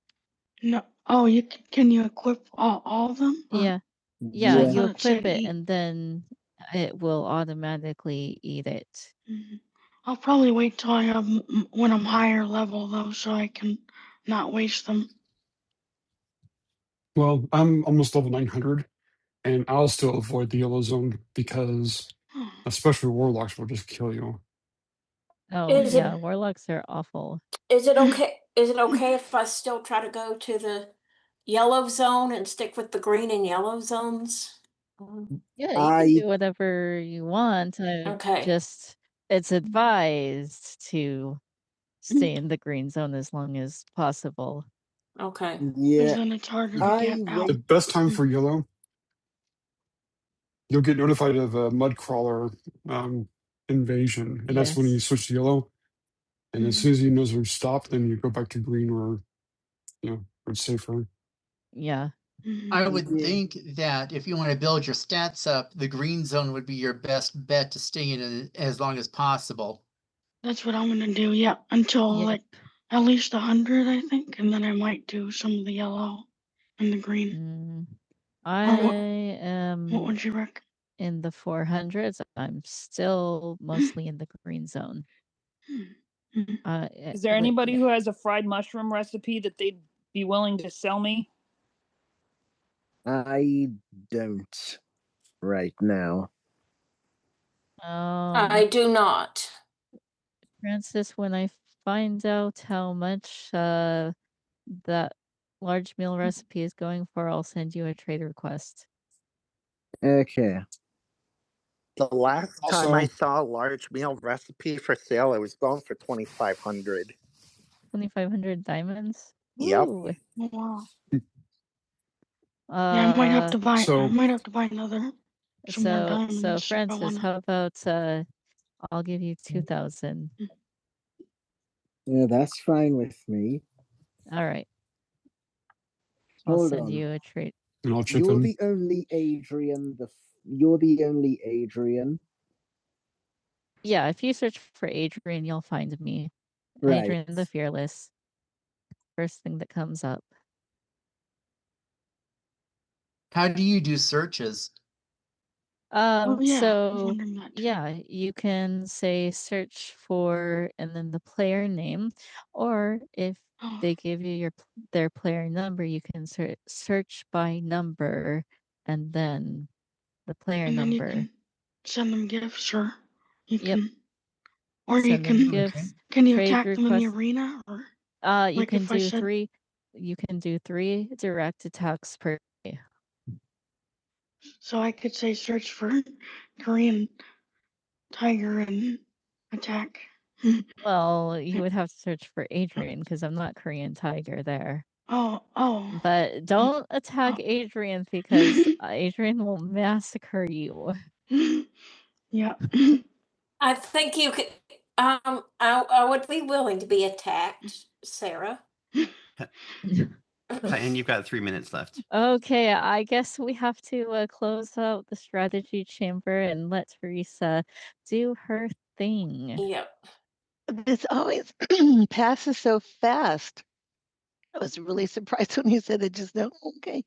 [SPEAKER 1] No oh, you c can you equip all all of them? Or Yeah. Yeah, I Yeah. you thought it equip said it, eat. and then it will automatically eat it. Mhm. I'll probably wait till I have m m when I'm higher level, though, so I can not waste them.
[SPEAKER 3] Well, I'm almost level nine hundred, and I'll still avoid the yellow zone because especially warlocks will just kill you.
[SPEAKER 1] Oh, Is yeah, it warlocks are awful. is it okay is it okay if I still try to go to the yellow zone and stick with the green and yellow zones? Um, Yeah, you can I- do whatever you want. I Okay. just it's advised to stay in the green zone as long as possible. Okay. Yeah, then it's harder to
[SPEAKER 3] The,
[SPEAKER 1] I get out.
[SPEAKER 3] the best time
[SPEAKER 1] wait
[SPEAKER 3] for yellow you'll get notified of a mudcrawler um, invasion, and that's when you
[SPEAKER 1] Yes.
[SPEAKER 3] switch to yellow. And as
[SPEAKER 1] Mhm.
[SPEAKER 3] soon as you know they're stopped, then you go back to green, or you know, where it's safer.
[SPEAKER 1] Yeah. I would Yeah. think that if you want to build your stats up, the green zone would be your best bet to stay in it as long as possible. That's what I'm gonna do. Yeah, until Yeah. like at least a hundred, I think, and then I might do some of the yellow and the green. Mm, what- I Or What What am would you reckon? in the 400s. I'm still mostly in the green zone. Hmm. Mhm. Uh, eh, Is there like, anybody? I don't right now. Um, I Um, do not. Francis, when I find out how much uh that large meal recipe is going for, I'll send you a trade request. Okay. The last time I
[SPEAKER 3] Also,
[SPEAKER 1] saw a large meal recipe for sale, it was going for twenty five hundred. Twenty five hundred diamonds. Yep. Ooh. Oh, Wow. Uh, yeah, I might have to Uh, buy. I
[SPEAKER 3] so
[SPEAKER 1] might have to buy another. some more so so diamonds I Francis, wanna- how about uh I'll give you two thousand. Yeah, that's fine with me. All right. I'll Hold send on. you a treat.
[SPEAKER 3] and I'll chip
[SPEAKER 1] You're
[SPEAKER 3] in.
[SPEAKER 1] the only Adrian. The f- you're the only Adrian. Yeah, if you search for Adrian, you'll find me. Right. Adrian the Fearless. First thing that comes up. How do you do searches? Um Oh, yeah, so sure. yeah, you can say search for and then the player name or if they give you your their player number, you can ser- search by number and then the player And then you number. can send them gifts, sure. You Yep. can, or you Send them can, Okay. gifts. can you trade attack them in the requests. arena or? Uh, you Like can if I do said- three. You can do three direct attacks per. day. So I could say search for Korean tiger and attack. Oh, Well, you would have to search for Adrian because I'm not Korean Tiger there. Oh, oh. But don't attack Oh. Adrian because uh, Adrian will massacre you. yeah. I think you could, um, I, I would be willing to be attacked, Sarah. and you've got three minutes left. Okay, I guess we have to uh, close out the strategy chamber and let Teresa do her thing. Yep. This always passes so fast. I was really surprised when you said it just now. Okay.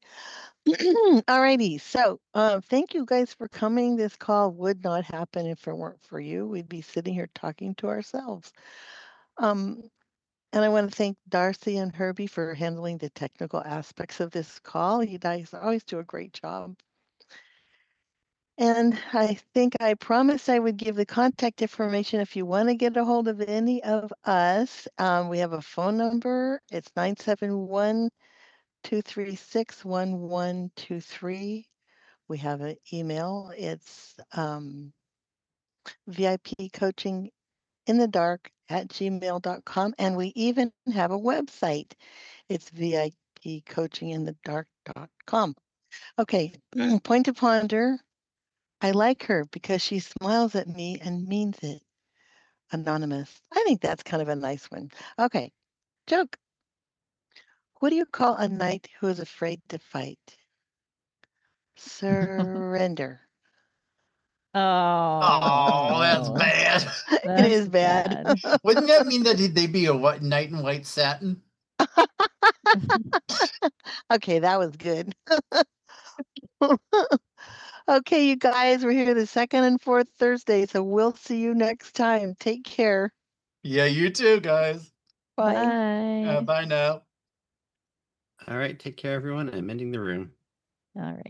[SPEAKER 1] Alrighty, so um, thank you guys for coming. This call would not happen if it weren't for you. We'd be sitting here talking to ourselves. Um, and I want to thank Darcy and Herbie for handling the technical aspects of this call. You guys always do a great job. And I think I promised I would give the contact information if you want to get a hold of any of us. Um, we have a phone number. It's 971 236 1123. We have an email. It's um, VIP coaching in the dark at gmail.com. And we even have a website. It's VIP coaching in the dark.com. Okay. Point to ponder. I like her because she smiles at me and means it. Anonymous. I think that's kind of a nice one. Okay. Joke. What do you call a knight who is afraid to fight? Surrender. Oh, oh, that's bad. That's It is bad. bad. Wouldn't that mean that they'd be a what knight in white satin? Okay, that was good. okay, you guys, we're here the second and fourth Thursday, so we'll see you next time. Take care. Yeah, you too, guys. Bye. Uh, Bye. uh, bye now. All right, take care, everyone. I'm ending the room. All right.